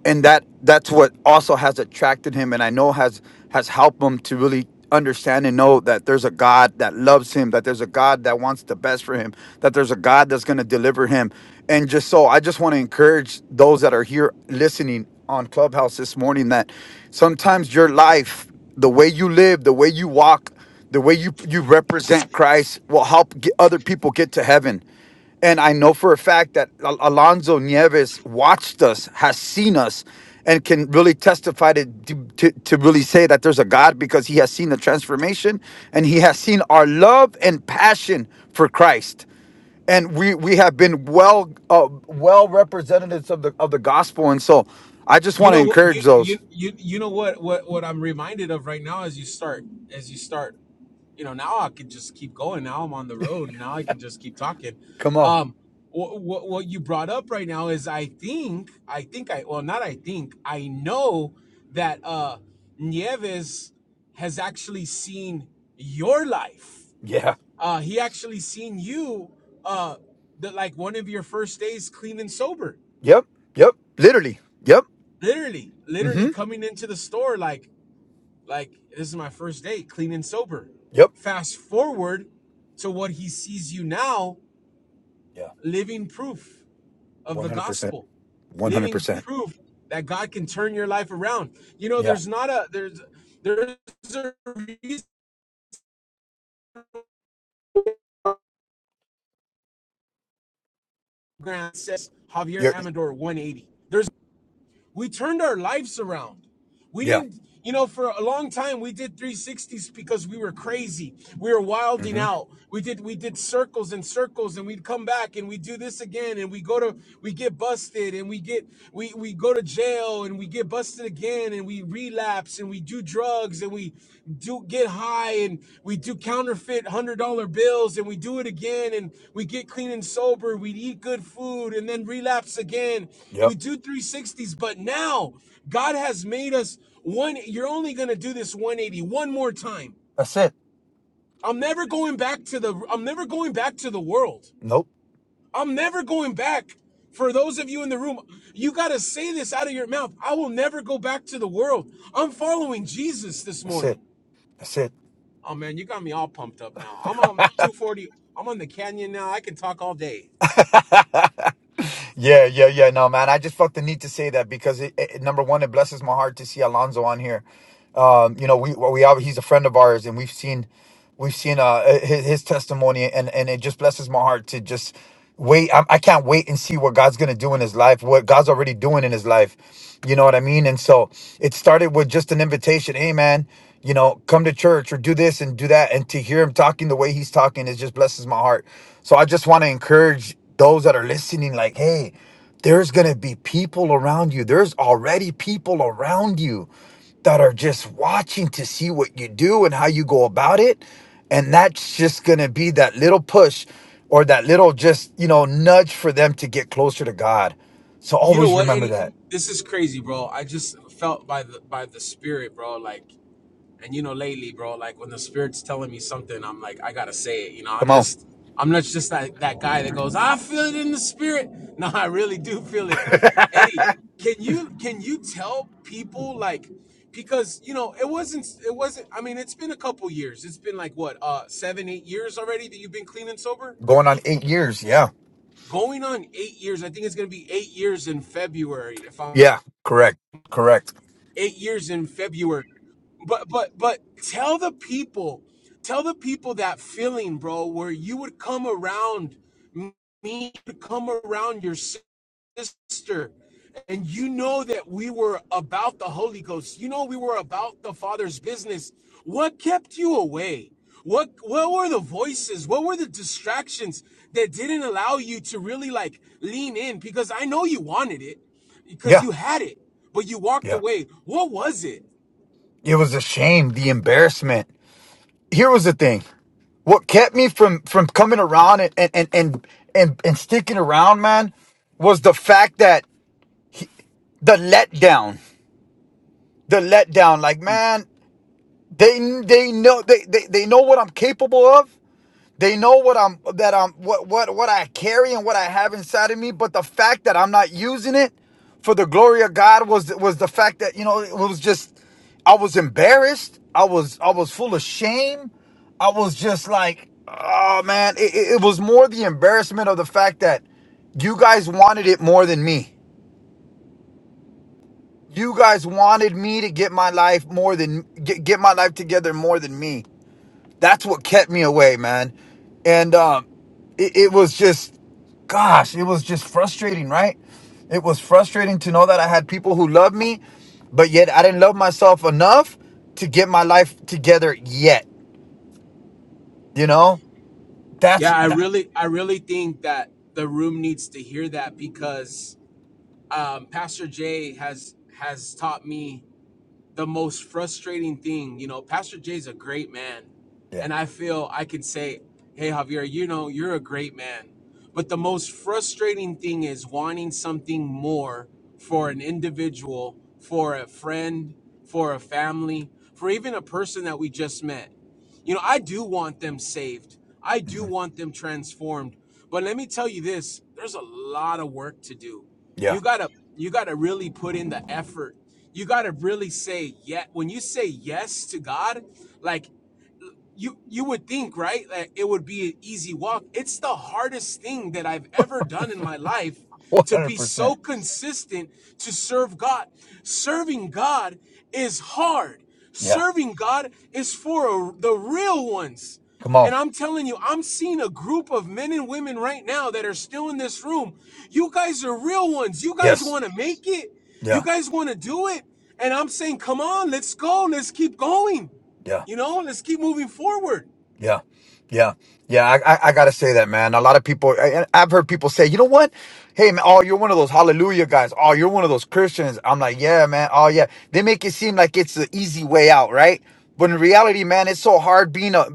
Speaker 2: and that that's what also has attracted him and i know has has helped him to really understand and know that there's a god that loves him that there's a god that wants the best for him that there's a god that's going to deliver him and just so i just want to encourage those that are here listening on clubhouse this morning that sometimes your life the way you live the way you walk the way you you represent christ will help get other people get to heaven and I know for a fact that Al- Alonzo Nieves watched us, has seen us, and can really testify to, to, to to really say that there's a God because he has seen the transformation and he has seen our love and passion for Christ. And we we have been well uh, well representatives of the of the gospel. And so I just
Speaker 1: You
Speaker 2: want to
Speaker 1: know what you
Speaker 2: encourage those.
Speaker 1: you you you know what what what I'm reminded of right now as you start as you start you know now i can just keep going now i'm on the road now i can just keep talking
Speaker 2: Come on.
Speaker 1: um what, what, what you brought up right now is i think i think i well not i think i know that uh nieves has actually seen your life
Speaker 2: Yeah.
Speaker 1: uh he actually seen you uh the, like one of your first days clean and sober
Speaker 2: Yep. Yep. Literally. Yep.
Speaker 1: literally literally
Speaker 2: Mm-hmm.
Speaker 1: coming into the store like Like, this is my first day clean and sober.
Speaker 2: Yep.
Speaker 1: Fast forward to what he sees you now,
Speaker 2: Yeah.
Speaker 1: living proof of
Speaker 2: One
Speaker 1: the
Speaker 2: hundred percent.
Speaker 1: gospel,
Speaker 2: One hundred
Speaker 1: living
Speaker 2: percent.
Speaker 1: proof that God can turn your life around. You know,
Speaker 2: Yeah.
Speaker 1: there's not a, there's, there's a reason Grant says Javier
Speaker 2: You're,
Speaker 1: Amador 180. There's We turned our lives around. We
Speaker 2: yeah.
Speaker 1: didn't, you know, for a long time we did 360s because we were crazy. We were
Speaker 2: Mm-hmm.
Speaker 1: wilding out. We did we did circles and circles and we'd come back and we do this again and we go to we get busted and we get we we go to jail and we get busted again and we relapse and we do drugs and we do get high and we do counterfeit one hundred dollar bills and we do it again and we get clean and sober we eat good food and then relapse again we
Speaker 2: Yep.
Speaker 1: do 360s but now god has made us one you're only going to do this 180 one more time
Speaker 2: That's it.
Speaker 1: i'm never going back to the i'm never going back to the world
Speaker 2: Nope.
Speaker 1: i'm never going back for those of you in the room, you got to say this out of your mouth. I will never go back to the world. I'm following Jesus this
Speaker 2: That's
Speaker 1: morning.
Speaker 2: it. That's it.
Speaker 1: Oh man, you got me all pumped up now. I'm on 240. I'm on the canyon now. I can talk all day.
Speaker 2: Yeah, yeah, yeah. No, man, I just felt the need to say that because it, it, number one, it blesses my heart to see Alonzo on here. Um, you know, we well, we all- he's a friend of ours, and we've seen we've seen uh his, his testimony, and and it just blesses my heart to just wait. I, I can't wait and see what God's gonna do in his life, what God's already doing in his life. You know what I mean? And so it started with just an invitation. Hey, man, you know, come to church or do this and do that, and to hear him talking the way he's talking, it just blesses my heart So I just want to encourage those that are listening like, hey, there's going to be people around you. There's already people around you that are just watching to see what you do and how you go about it. And that's just going to be that little push or that little just, you know, nudge for them to get closer to God. So
Speaker 1: You know
Speaker 2: always
Speaker 1: what,
Speaker 2: remember
Speaker 1: Eddie?
Speaker 2: that.
Speaker 1: This is crazy, bro. I just felt by the by the spirit, bro. Like And you know, lately, bro, like when the spirit's telling me something, I'm like, I gotta say it. You know, I'm
Speaker 2: Come on.
Speaker 1: just, I'm not just that that guy that goes, I feel it in the spirit. No, I really do feel it. Eddie, can you can you tell people like, because you know, it wasn't, it wasn't. I mean, it's been a couple years. It's been like what, uh, seven, eight years already that you've been clean and sober.
Speaker 2: Going on eight years. Yeah.
Speaker 1: Going on eight years. I think it's gonna be eight years in February. If I'm
Speaker 2: Yeah. Correct. Correct.
Speaker 1: eight years in February. But but but tell the people, tell the people that feeling, bro, where you would come around me, you come around your sister and you know that we were about the Holy Ghost. You know we were about the Father's business. What kept you away? What what were the voices? What were the distractions that didn't allow you to really like lean in? Because I know you wanted it, because
Speaker 2: Yeah.
Speaker 1: you had it, but you walked
Speaker 2: Yeah.
Speaker 1: away. What was it?
Speaker 2: It was a shame, the embarrassment. Here was the thing. what kept me from from coming around and and and and and, and sticking around man was the fact that the letdown the letdown like
Speaker 1: Mm.
Speaker 2: man they they know they, they they know what i'm capable of They know what I'm that I'm what what what I carry and what I have inside of me, but the fact that I'm not using it for the glory of God was was the fact that you know it was just I was embarrassed. I was I was full of shame. I was just like, oh man, it, it it was more the embarrassment of the fact that you guys wanted it more than me. You guys wanted me to get my life more than get, get my life together more than me that's what kept me away, man. And um, it, it was just, gosh, it was just frustrating, right? It was frustrating to know that I had people who loved me, but yet I didn't love myself enough to get my life together yet. You know, that's
Speaker 1: Yeah, I
Speaker 2: that,
Speaker 1: really, I really think that the room needs to hear that because um, Pastor Jay has has taught me the most frustrating thing. You know, Pastor Jay's a great man,
Speaker 2: yeah,
Speaker 1: and I feel I can say, "Hey, Javier, you know, you're a great man." But the most frustrating thing is wanting something more for an individual, for a friend, for a family, for even a person that we just met. You know, I do want them saved. I do
Speaker 2: hmm
Speaker 1: want them transformed. But let me tell you this, there's a lot of work to do.
Speaker 2: yeah,
Speaker 1: You got to you got to really put in the effort. You got to really say yet when you say yes to God, like you you would think right that it would be an easy walk it's the hardest thing that i've ever done in my life
Speaker 2: one
Speaker 1: to
Speaker 2: hundred
Speaker 1: be so
Speaker 2: percent.
Speaker 1: consistent to serve god serving god is hard
Speaker 2: Yeah,
Speaker 1: serving god is for the real ones
Speaker 2: come on,
Speaker 1: and i'm telling you i'm seeing a group of men and women right now that are still in this room you guys are real ones you guys
Speaker 2: yes,
Speaker 1: want to make it you
Speaker 2: yeah,
Speaker 1: guys want to do it and i'm saying come on let's go let's keep going
Speaker 2: yeah.
Speaker 1: you know, let's keep moving forward.
Speaker 2: Yeah, yeah, yeah. I, I, I gotta say that, man. A lot of people, I, I've heard people say, you know what? Hey, man, oh, you're one of those hallelujah guys. Oh, you're one of those Christians. I'm like, yeah, man. Oh, yeah. They make it seem like it's the easy way out, right? But in reality, man, it's so hard being a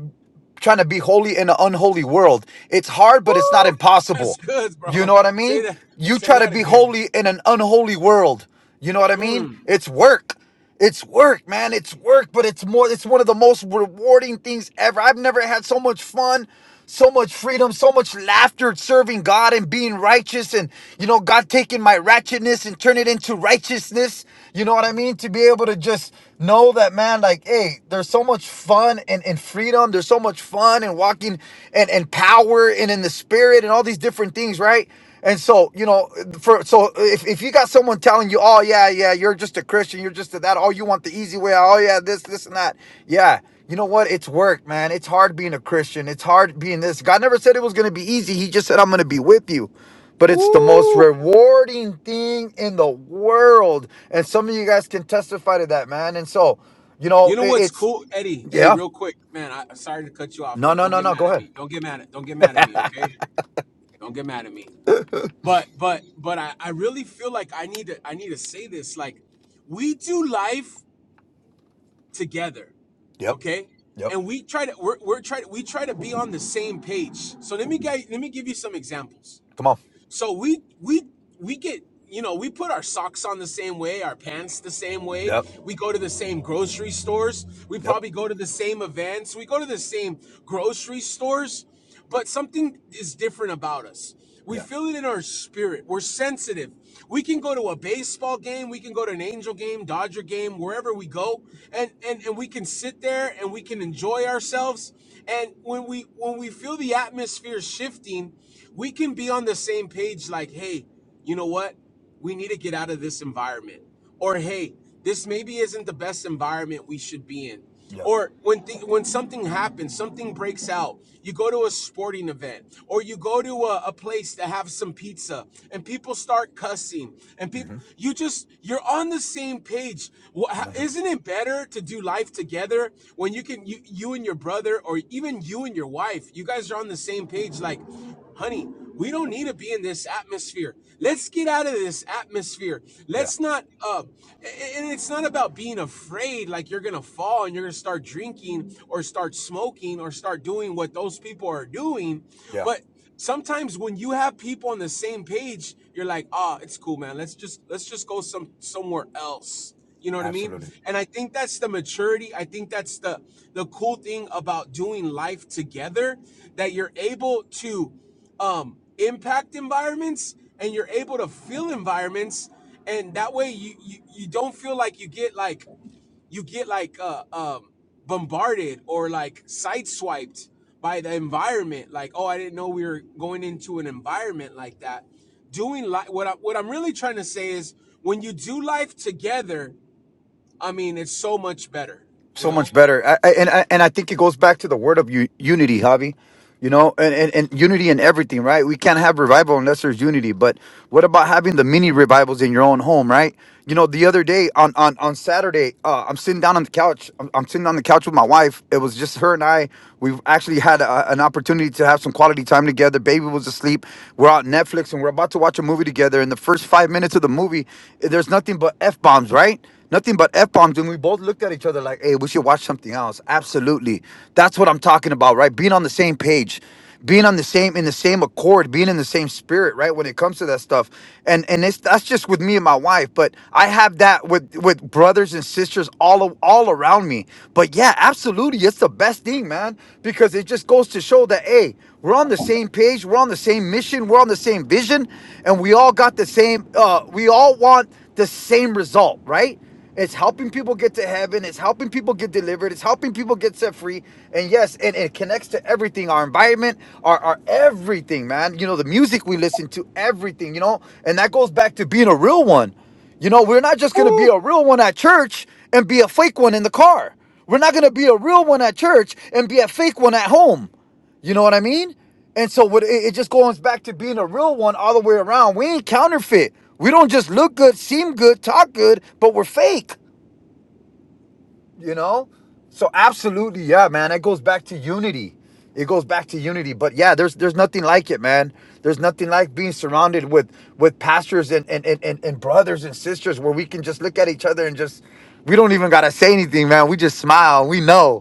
Speaker 2: trying to be holy in an unholy world. It's hard,
Speaker 1: Woo!
Speaker 2: but it's not
Speaker 1: That's
Speaker 2: impossible.
Speaker 1: good,
Speaker 2: You know
Speaker 1: bro.
Speaker 2: what I
Speaker 1: Say
Speaker 2: mean?
Speaker 1: that.
Speaker 2: You
Speaker 1: Say
Speaker 2: try to
Speaker 1: that
Speaker 2: be
Speaker 1: again.
Speaker 2: holy in an unholy world. You know what I mean?
Speaker 1: Mm.
Speaker 2: It's work. It's work, man. It's work, but it's more it's one of the most rewarding things ever. I've never had so much fun, so much freedom, so much laughter serving God and being righteous and you know God taking my ratchetness and turn it into righteousness. You know what I mean? To be able to just know that man like hey there's so much fun and, and freedom there's so much fun and walking and, and power and in the spirit and all these different things right and so you know for so if, if you got someone telling you oh yeah yeah you're just a christian you're just a that oh you want the easy way oh yeah this this and that yeah you know what it's work man it's hard being a christian it's hard being this god never said it was going to be easy he just said i'm going to be with you but it's the most
Speaker 1: Woo!
Speaker 2: rewarding thing in the world. And some of you guys can testify to that, man. And so, you know,
Speaker 1: You know
Speaker 2: it,
Speaker 1: what's
Speaker 2: it's
Speaker 1: cool, Eddie? Eddie,
Speaker 2: yeah.
Speaker 1: real quick, man. I, sorry to cut you off,
Speaker 2: No,
Speaker 1: bro.
Speaker 2: no,
Speaker 1: Don't
Speaker 2: no,
Speaker 1: get
Speaker 2: no.
Speaker 1: mad
Speaker 2: Go
Speaker 1: at
Speaker 2: ahead.
Speaker 1: me. Don't get mad at. Don't get mad at me, okay? Don't get mad at me. But but but I I really feel like I need to I need to say this. Like we do life together,
Speaker 2: Yep.
Speaker 1: okay?
Speaker 2: Yep.
Speaker 1: And we try to we're, we're try to, we try to be on the same page. So let me get, let me give you some examples.
Speaker 2: Come on.
Speaker 1: so we we we get you know we put our socks on the same way our pants the same way
Speaker 2: Yep.
Speaker 1: we go to the same grocery stores we
Speaker 2: Yep.
Speaker 1: probably go to the same events we go to the same grocery stores but something is different about us we
Speaker 2: Yeah.
Speaker 1: feel it in our spirit we're sensitive we can go to a baseball game we can go to an angel game dodger game wherever we go and and, and we can sit there and we can enjoy ourselves and when we when we feel the atmosphere shifting we can be on the same page like hey you know what we need to get out of this environment or hey this maybe isn't the best environment we should be in
Speaker 2: Yeah.
Speaker 1: or when th- when something happens something breaks out you go to a sporting event or you go to a, a place to have some pizza and people start cussing and people
Speaker 2: Mm-hmm.
Speaker 1: you just you're on the same page Wha- ho-
Speaker 2: One hundred
Speaker 1: not
Speaker 2: percent.
Speaker 1: it better to do life together when you can you, you and your brother or even you and your wife you guys are on the same page like honey, we don't need to be in this atmosphere. Let's get out of this atmosphere.
Speaker 2: Yeah.
Speaker 1: Let's not, uh, and it's not about being afraid like you're going to fall and you're going to start drinking or start smoking or start doing what those people are doing.
Speaker 2: Yeah.
Speaker 1: But sometimes when you have people on the same page, you're like, ah, it's cool, man. Let's just, let's just go some, somewhere else. You know what I mean?
Speaker 2: Absolutely.
Speaker 1: And I think that's the maturity. I think that's the the cool thing about doing life together that you're able to um, impact environments and you're able to feel environments and that way you, you you don't feel like you get like you get like uh um bombarded or like sideswiped by the environment like oh i didn't know we were going into an environment like that doing like what I, what i'm really trying to say is when you do life together i mean it's so much better you
Speaker 2: So much
Speaker 1: know
Speaker 2: better. I, I, and I, and I think it goes back to the word of u- unity, Javi you know, and, and, and unity in everything, right? We can't have revival unless there's unity. But what about having the mini revivals in your own home, right? You know, the other day on on on Saturday, uh, I'm sitting down on the couch. I'm, I'm sitting on the couch with my wife. It was just her and I. We've actually had a, an opportunity to have some quality time together. Baby was asleep. We're on Netflix and we're about to watch a movie together. In the first five minutes of the movie, there's nothing but f bombs, right? Nothing but f bombs, and we both looked at each other like, "Hey, we should watch something else." Absolutely, that's what I'm talking about, right? Being on the same page, being on the same in the same accord, being in the same spirit, right? When it comes to that stuff, and and it's that's just with me and my wife, but I have that with with brothers and sisters all a- all around me. But yeah, absolutely, it's the best thing, man, because it just goes to show that hey, we're on the same page, we're on the same mission, we're on the same vision, and we all got the same. uh We all want the same result, right? It's helping people get to heaven. It's helping people get delivered. It's helping people get set free. And yes, and it connects to everything our environment, our, our everything, man. You know, the music we listen to, everything, you know, and that goes back to being a real one. You know, we're not just going to be
Speaker 1: Woo!
Speaker 2: a real one at church and be a fake one in the car. We're not going to be a real one at church and be a fake one at home. You know what I mean? And so what it, it just goes back to being a real one all the way around. We ain't counterfeit. We don't just look good, seem good, talk good, but we're fake, you know? So absolutely, yeah, man. It goes back to unity. It goes back to unity. But yeah, there's there's nothing like it, man. There's nothing like being surrounded with with pastors and and, and, and and brothers and sisters where we can just look at each other and just we don't even gotta say anything, man. We just smile. We know.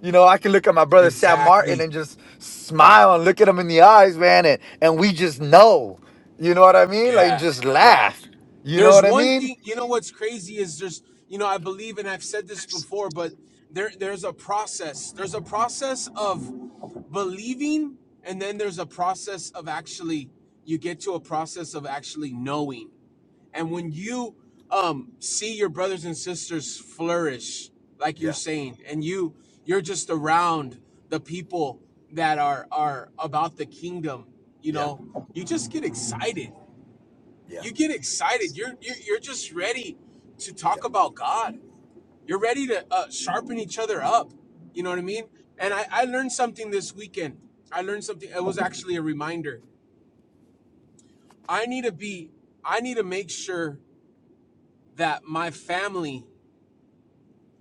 Speaker 2: You know, I can look at my brother Sam Martin
Speaker 1: exactly
Speaker 2: and just smile and look at him in the eyes, man, and, and we just know. You know what I mean? Like and
Speaker 1: yeah
Speaker 2: just
Speaker 1: yeah
Speaker 2: laugh. You know
Speaker 1: There's
Speaker 2: what I
Speaker 1: one
Speaker 2: mean?
Speaker 1: thing, you know what's crazy is there's, you know, I believe and I've said this before, but there there's a process. There's a process of believing and then there's a process of actually you get to a process of actually knowing. And when you um see your brothers and sisters flourish like you're
Speaker 2: Yeah,
Speaker 1: saying and you you're just around the people that are are about the kingdom, you
Speaker 2: yeah,
Speaker 1: know, you just get excited
Speaker 2: yeah,
Speaker 1: you get excited. You're you're, you're just ready to talk
Speaker 2: yeah,
Speaker 1: about God. You're ready to uh, sharpen each other up. You know
Speaker 2: yeah,
Speaker 1: what I mean? And
Speaker 2: yeah.
Speaker 1: I, I learned something this weekend. I learned something. It was actually a reminder. I need to be. I need to make sure that my family,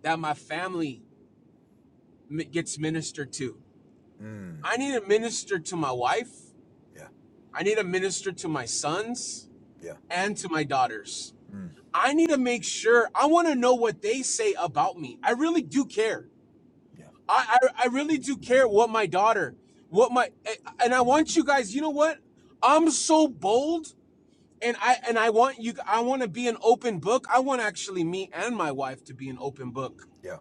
Speaker 1: that my family mi- gets ministered to.
Speaker 2: Mm,
Speaker 1: I need to minister to my wife.
Speaker 2: yeah,
Speaker 1: I need to minister to my sons
Speaker 2: yeah,
Speaker 1: and to my daughters.
Speaker 2: mm,
Speaker 1: I need to make sure. I want to know what they say about me. I really do care.
Speaker 2: yeah,
Speaker 1: I, I I really do care what my daughter, what my, and I want you guys. You know what? I'm so bold, and I and I want you. I want to be an open book. I want actually me and my wife to be an open book.
Speaker 2: yeah.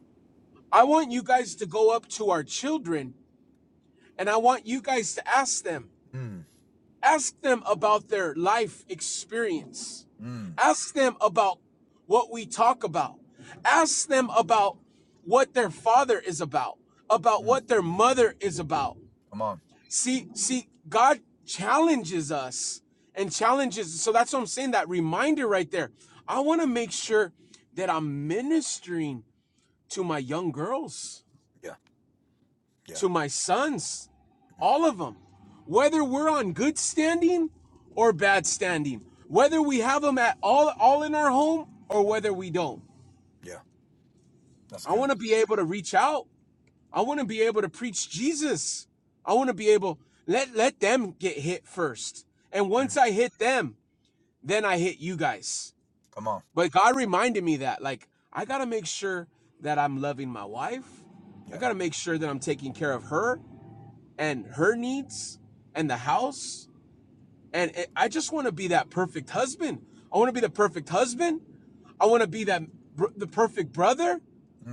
Speaker 1: I want you guys to go up to our children, and I want you guys to ask them,
Speaker 2: Mm,
Speaker 1: ask them about their life experience,
Speaker 2: mm,
Speaker 1: ask them about what we talk about, ask them about what their father is about, about
Speaker 2: mm.
Speaker 1: what their mother is about
Speaker 2: Come on.
Speaker 1: See, see, God challenges us and challenges. So that's what I'm saying. That reminder right there. I want to make sure that I'm ministering to my young girls,
Speaker 2: Yeah, yeah,
Speaker 1: to my sons,
Speaker 2: mm,
Speaker 1: all of them,
Speaker 2: yeah,
Speaker 1: whether we're on good standing or bad standing, whether we have them at all, all in our home or whether we don't.
Speaker 2: yeah. That's
Speaker 1: I
Speaker 2: good.
Speaker 1: want to be able to reach out I want to be able to preach Jesus. I want to be able let let them get hit first. And once
Speaker 2: Mm,
Speaker 1: I hit them, then I hit you guys.
Speaker 2: come on.
Speaker 1: But God reminded me that like I got to make sure that I'm loving my wife. I
Speaker 2: Yeah.
Speaker 1: got to make sure that I'm taking care of her and her needs and the house. And it- I just want to be that perfect husband. I want to be the perfect husband I want to be that the perfect brother.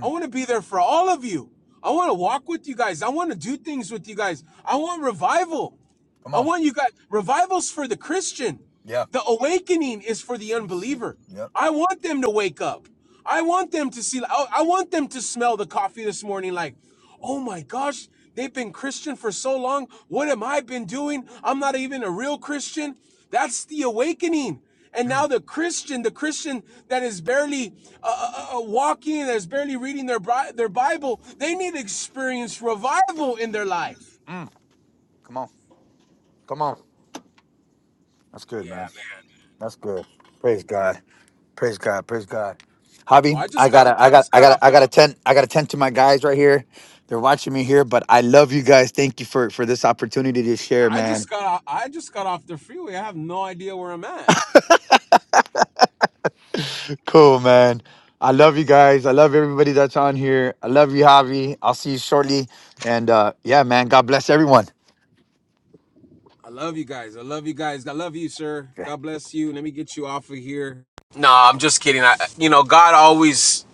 Speaker 1: I want to be there for all of you. I want to walk with you guys. I want to do things with you guys. I want revival.
Speaker 2: come
Speaker 1: I
Speaker 2: on.
Speaker 1: want you guys revivals for the Christian.
Speaker 2: Yeah.
Speaker 1: The awakening is for the
Speaker 2: For the city.
Speaker 1: unbeliever.
Speaker 2: Yep.
Speaker 1: I want them to wake up. I want them to see. I I want them to smell the coffee this morning. Like, oh my gosh, they've been Christian for so long. What am I been doing? I'm not even a real Christian. That's the awakening. And now
Speaker 2: Mm,
Speaker 1: the Christian, the Christian that is barely uh, uh, uh, uh, walking, that is barely reading their Bri- their Bible, they need to experience revival in their life.
Speaker 2: come on. Come on. That's good, man.
Speaker 1: Yeah, man.
Speaker 2: That's good. Praise God. Praise God. Praise God.
Speaker 1: Well,
Speaker 2: Javi,
Speaker 1: I
Speaker 2: I
Speaker 1: just got
Speaker 2: gotta, I
Speaker 1: I
Speaker 2: got,
Speaker 1: just
Speaker 2: I
Speaker 1: got
Speaker 2: gotta,
Speaker 1: off
Speaker 2: I
Speaker 1: the
Speaker 2: gotta tend, I gotta tend to my guys right here. They're watching me here, but I love you guys. Thank you for for this opportunity to share,
Speaker 1: I just
Speaker 2: man.
Speaker 1: got off, I just got off the freeway. I have no idea where I'm at.
Speaker 2: Cool, man. I love you guys. I love everybody that's on here. I love you, Javi. I'll see you shortly. And uh yeah, man, God bless everyone.
Speaker 1: I love you guys. I love you guys. I love you, sir. God bless you. Let me get you off of here. No, I'm just kidding. I, you know, God always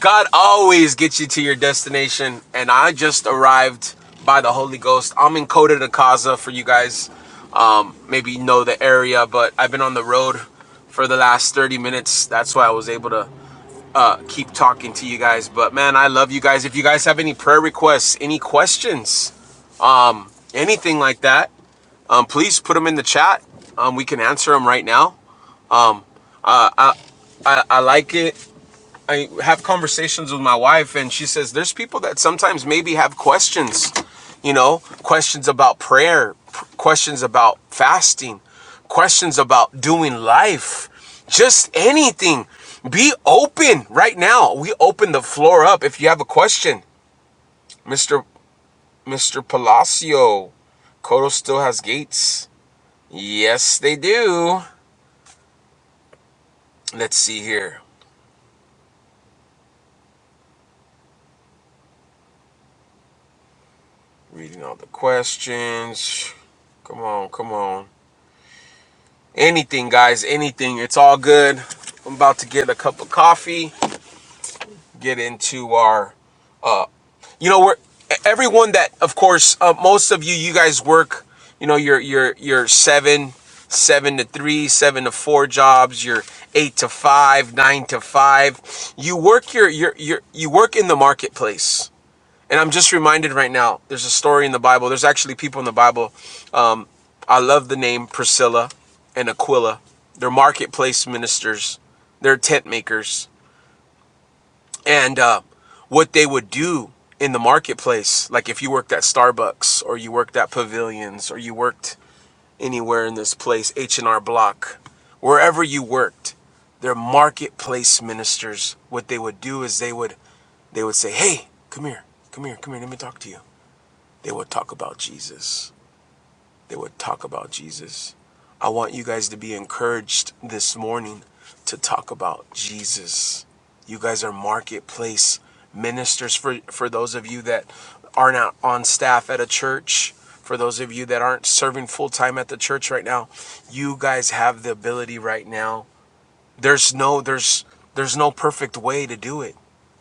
Speaker 1: God always gets you to your destination, and I just arrived by the Holy Ghost. I'm in Kota de for you guys. Um, maybe know the area, but I've been on the road for the last 30 minutes. That's why I was able to uh, keep talking to you guys. But man, I love you guys. If you guys have any prayer requests, any questions, anything like that, um, please put them in the chat. Um, we can answer them right now. Um, uh, I, I, I like it I have conversations with my wife, and she says there's people that sometimes maybe have questions, you know, questions about prayer, questions about fasting, questions about doing life, just anything. Be open right now. We open the floor up. If you have a question, Mr. Mr. Palacio, Koto still has gates. Yes, they do. Let's see here. Reading all the questions. Come on, come on. Anything, guys, anything. It's all good. I'm about to get a cup of coffee, get into our, uh, you know, we're, e, everyone that, of course, uh, most of you, you guys work, you know, your, your, your seven, seven to three, seven to four jobs, your eight to five, nine to five. You work your, your, your, you work in the marketplace and I'm just reminded right now, there's a story in the Bible. There's actually people in the Bible. Um, I love the name Priscilla and Aquila. They're marketplace ministers, they're tent makers. And uh, what they would do in the marketplace, like if you worked at Starbucks or you worked at Pavilions or you worked anywhere in this place, H&R Block, wherever you worked, they're marketplace ministers. What they would do is they would they would say, "Hey, come here. Come here. Come here. Let me talk to you." They will talk about Jesus. They will talk about Jesus. I want you guys to be encouraged this morning to talk about Jesus. You guys are marketplace ministers for, for those of you that are not on staff at a church. For those of you that aren't serving full time at the church right now, you guys have the ability right now there's no there's there's no perfect way to do it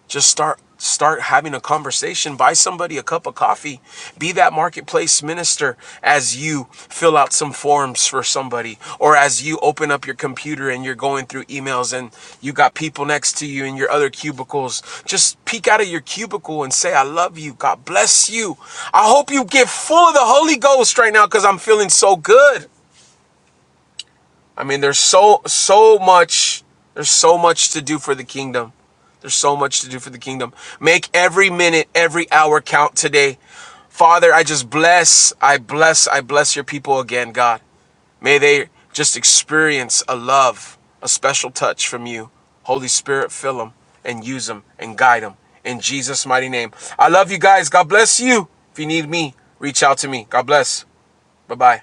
Speaker 1: just start start having a conversation buy somebody a cup of coffee be that marketplace minister as you fill out some forms for somebody or as you open up your computer and you're going through emails and you got people next to you in your other cubicles just peek out of your cubicle and say i love you god bless you i hope you get full of the holy ghost right now because i'm feeling so good I mean, there's so so much there's so much to do for the kingdom. There's so much to do for the kingdom. Make every minute, every hour count today. Father, I just bless, I bless, I bless your people again, God. May they just experience a love, a special touch from you. Holy Spirit, fill them and use them and guide them in Jesus' mighty name. I love you guys. God bless you. If you need me, reach out to me. God bless. Bye bye.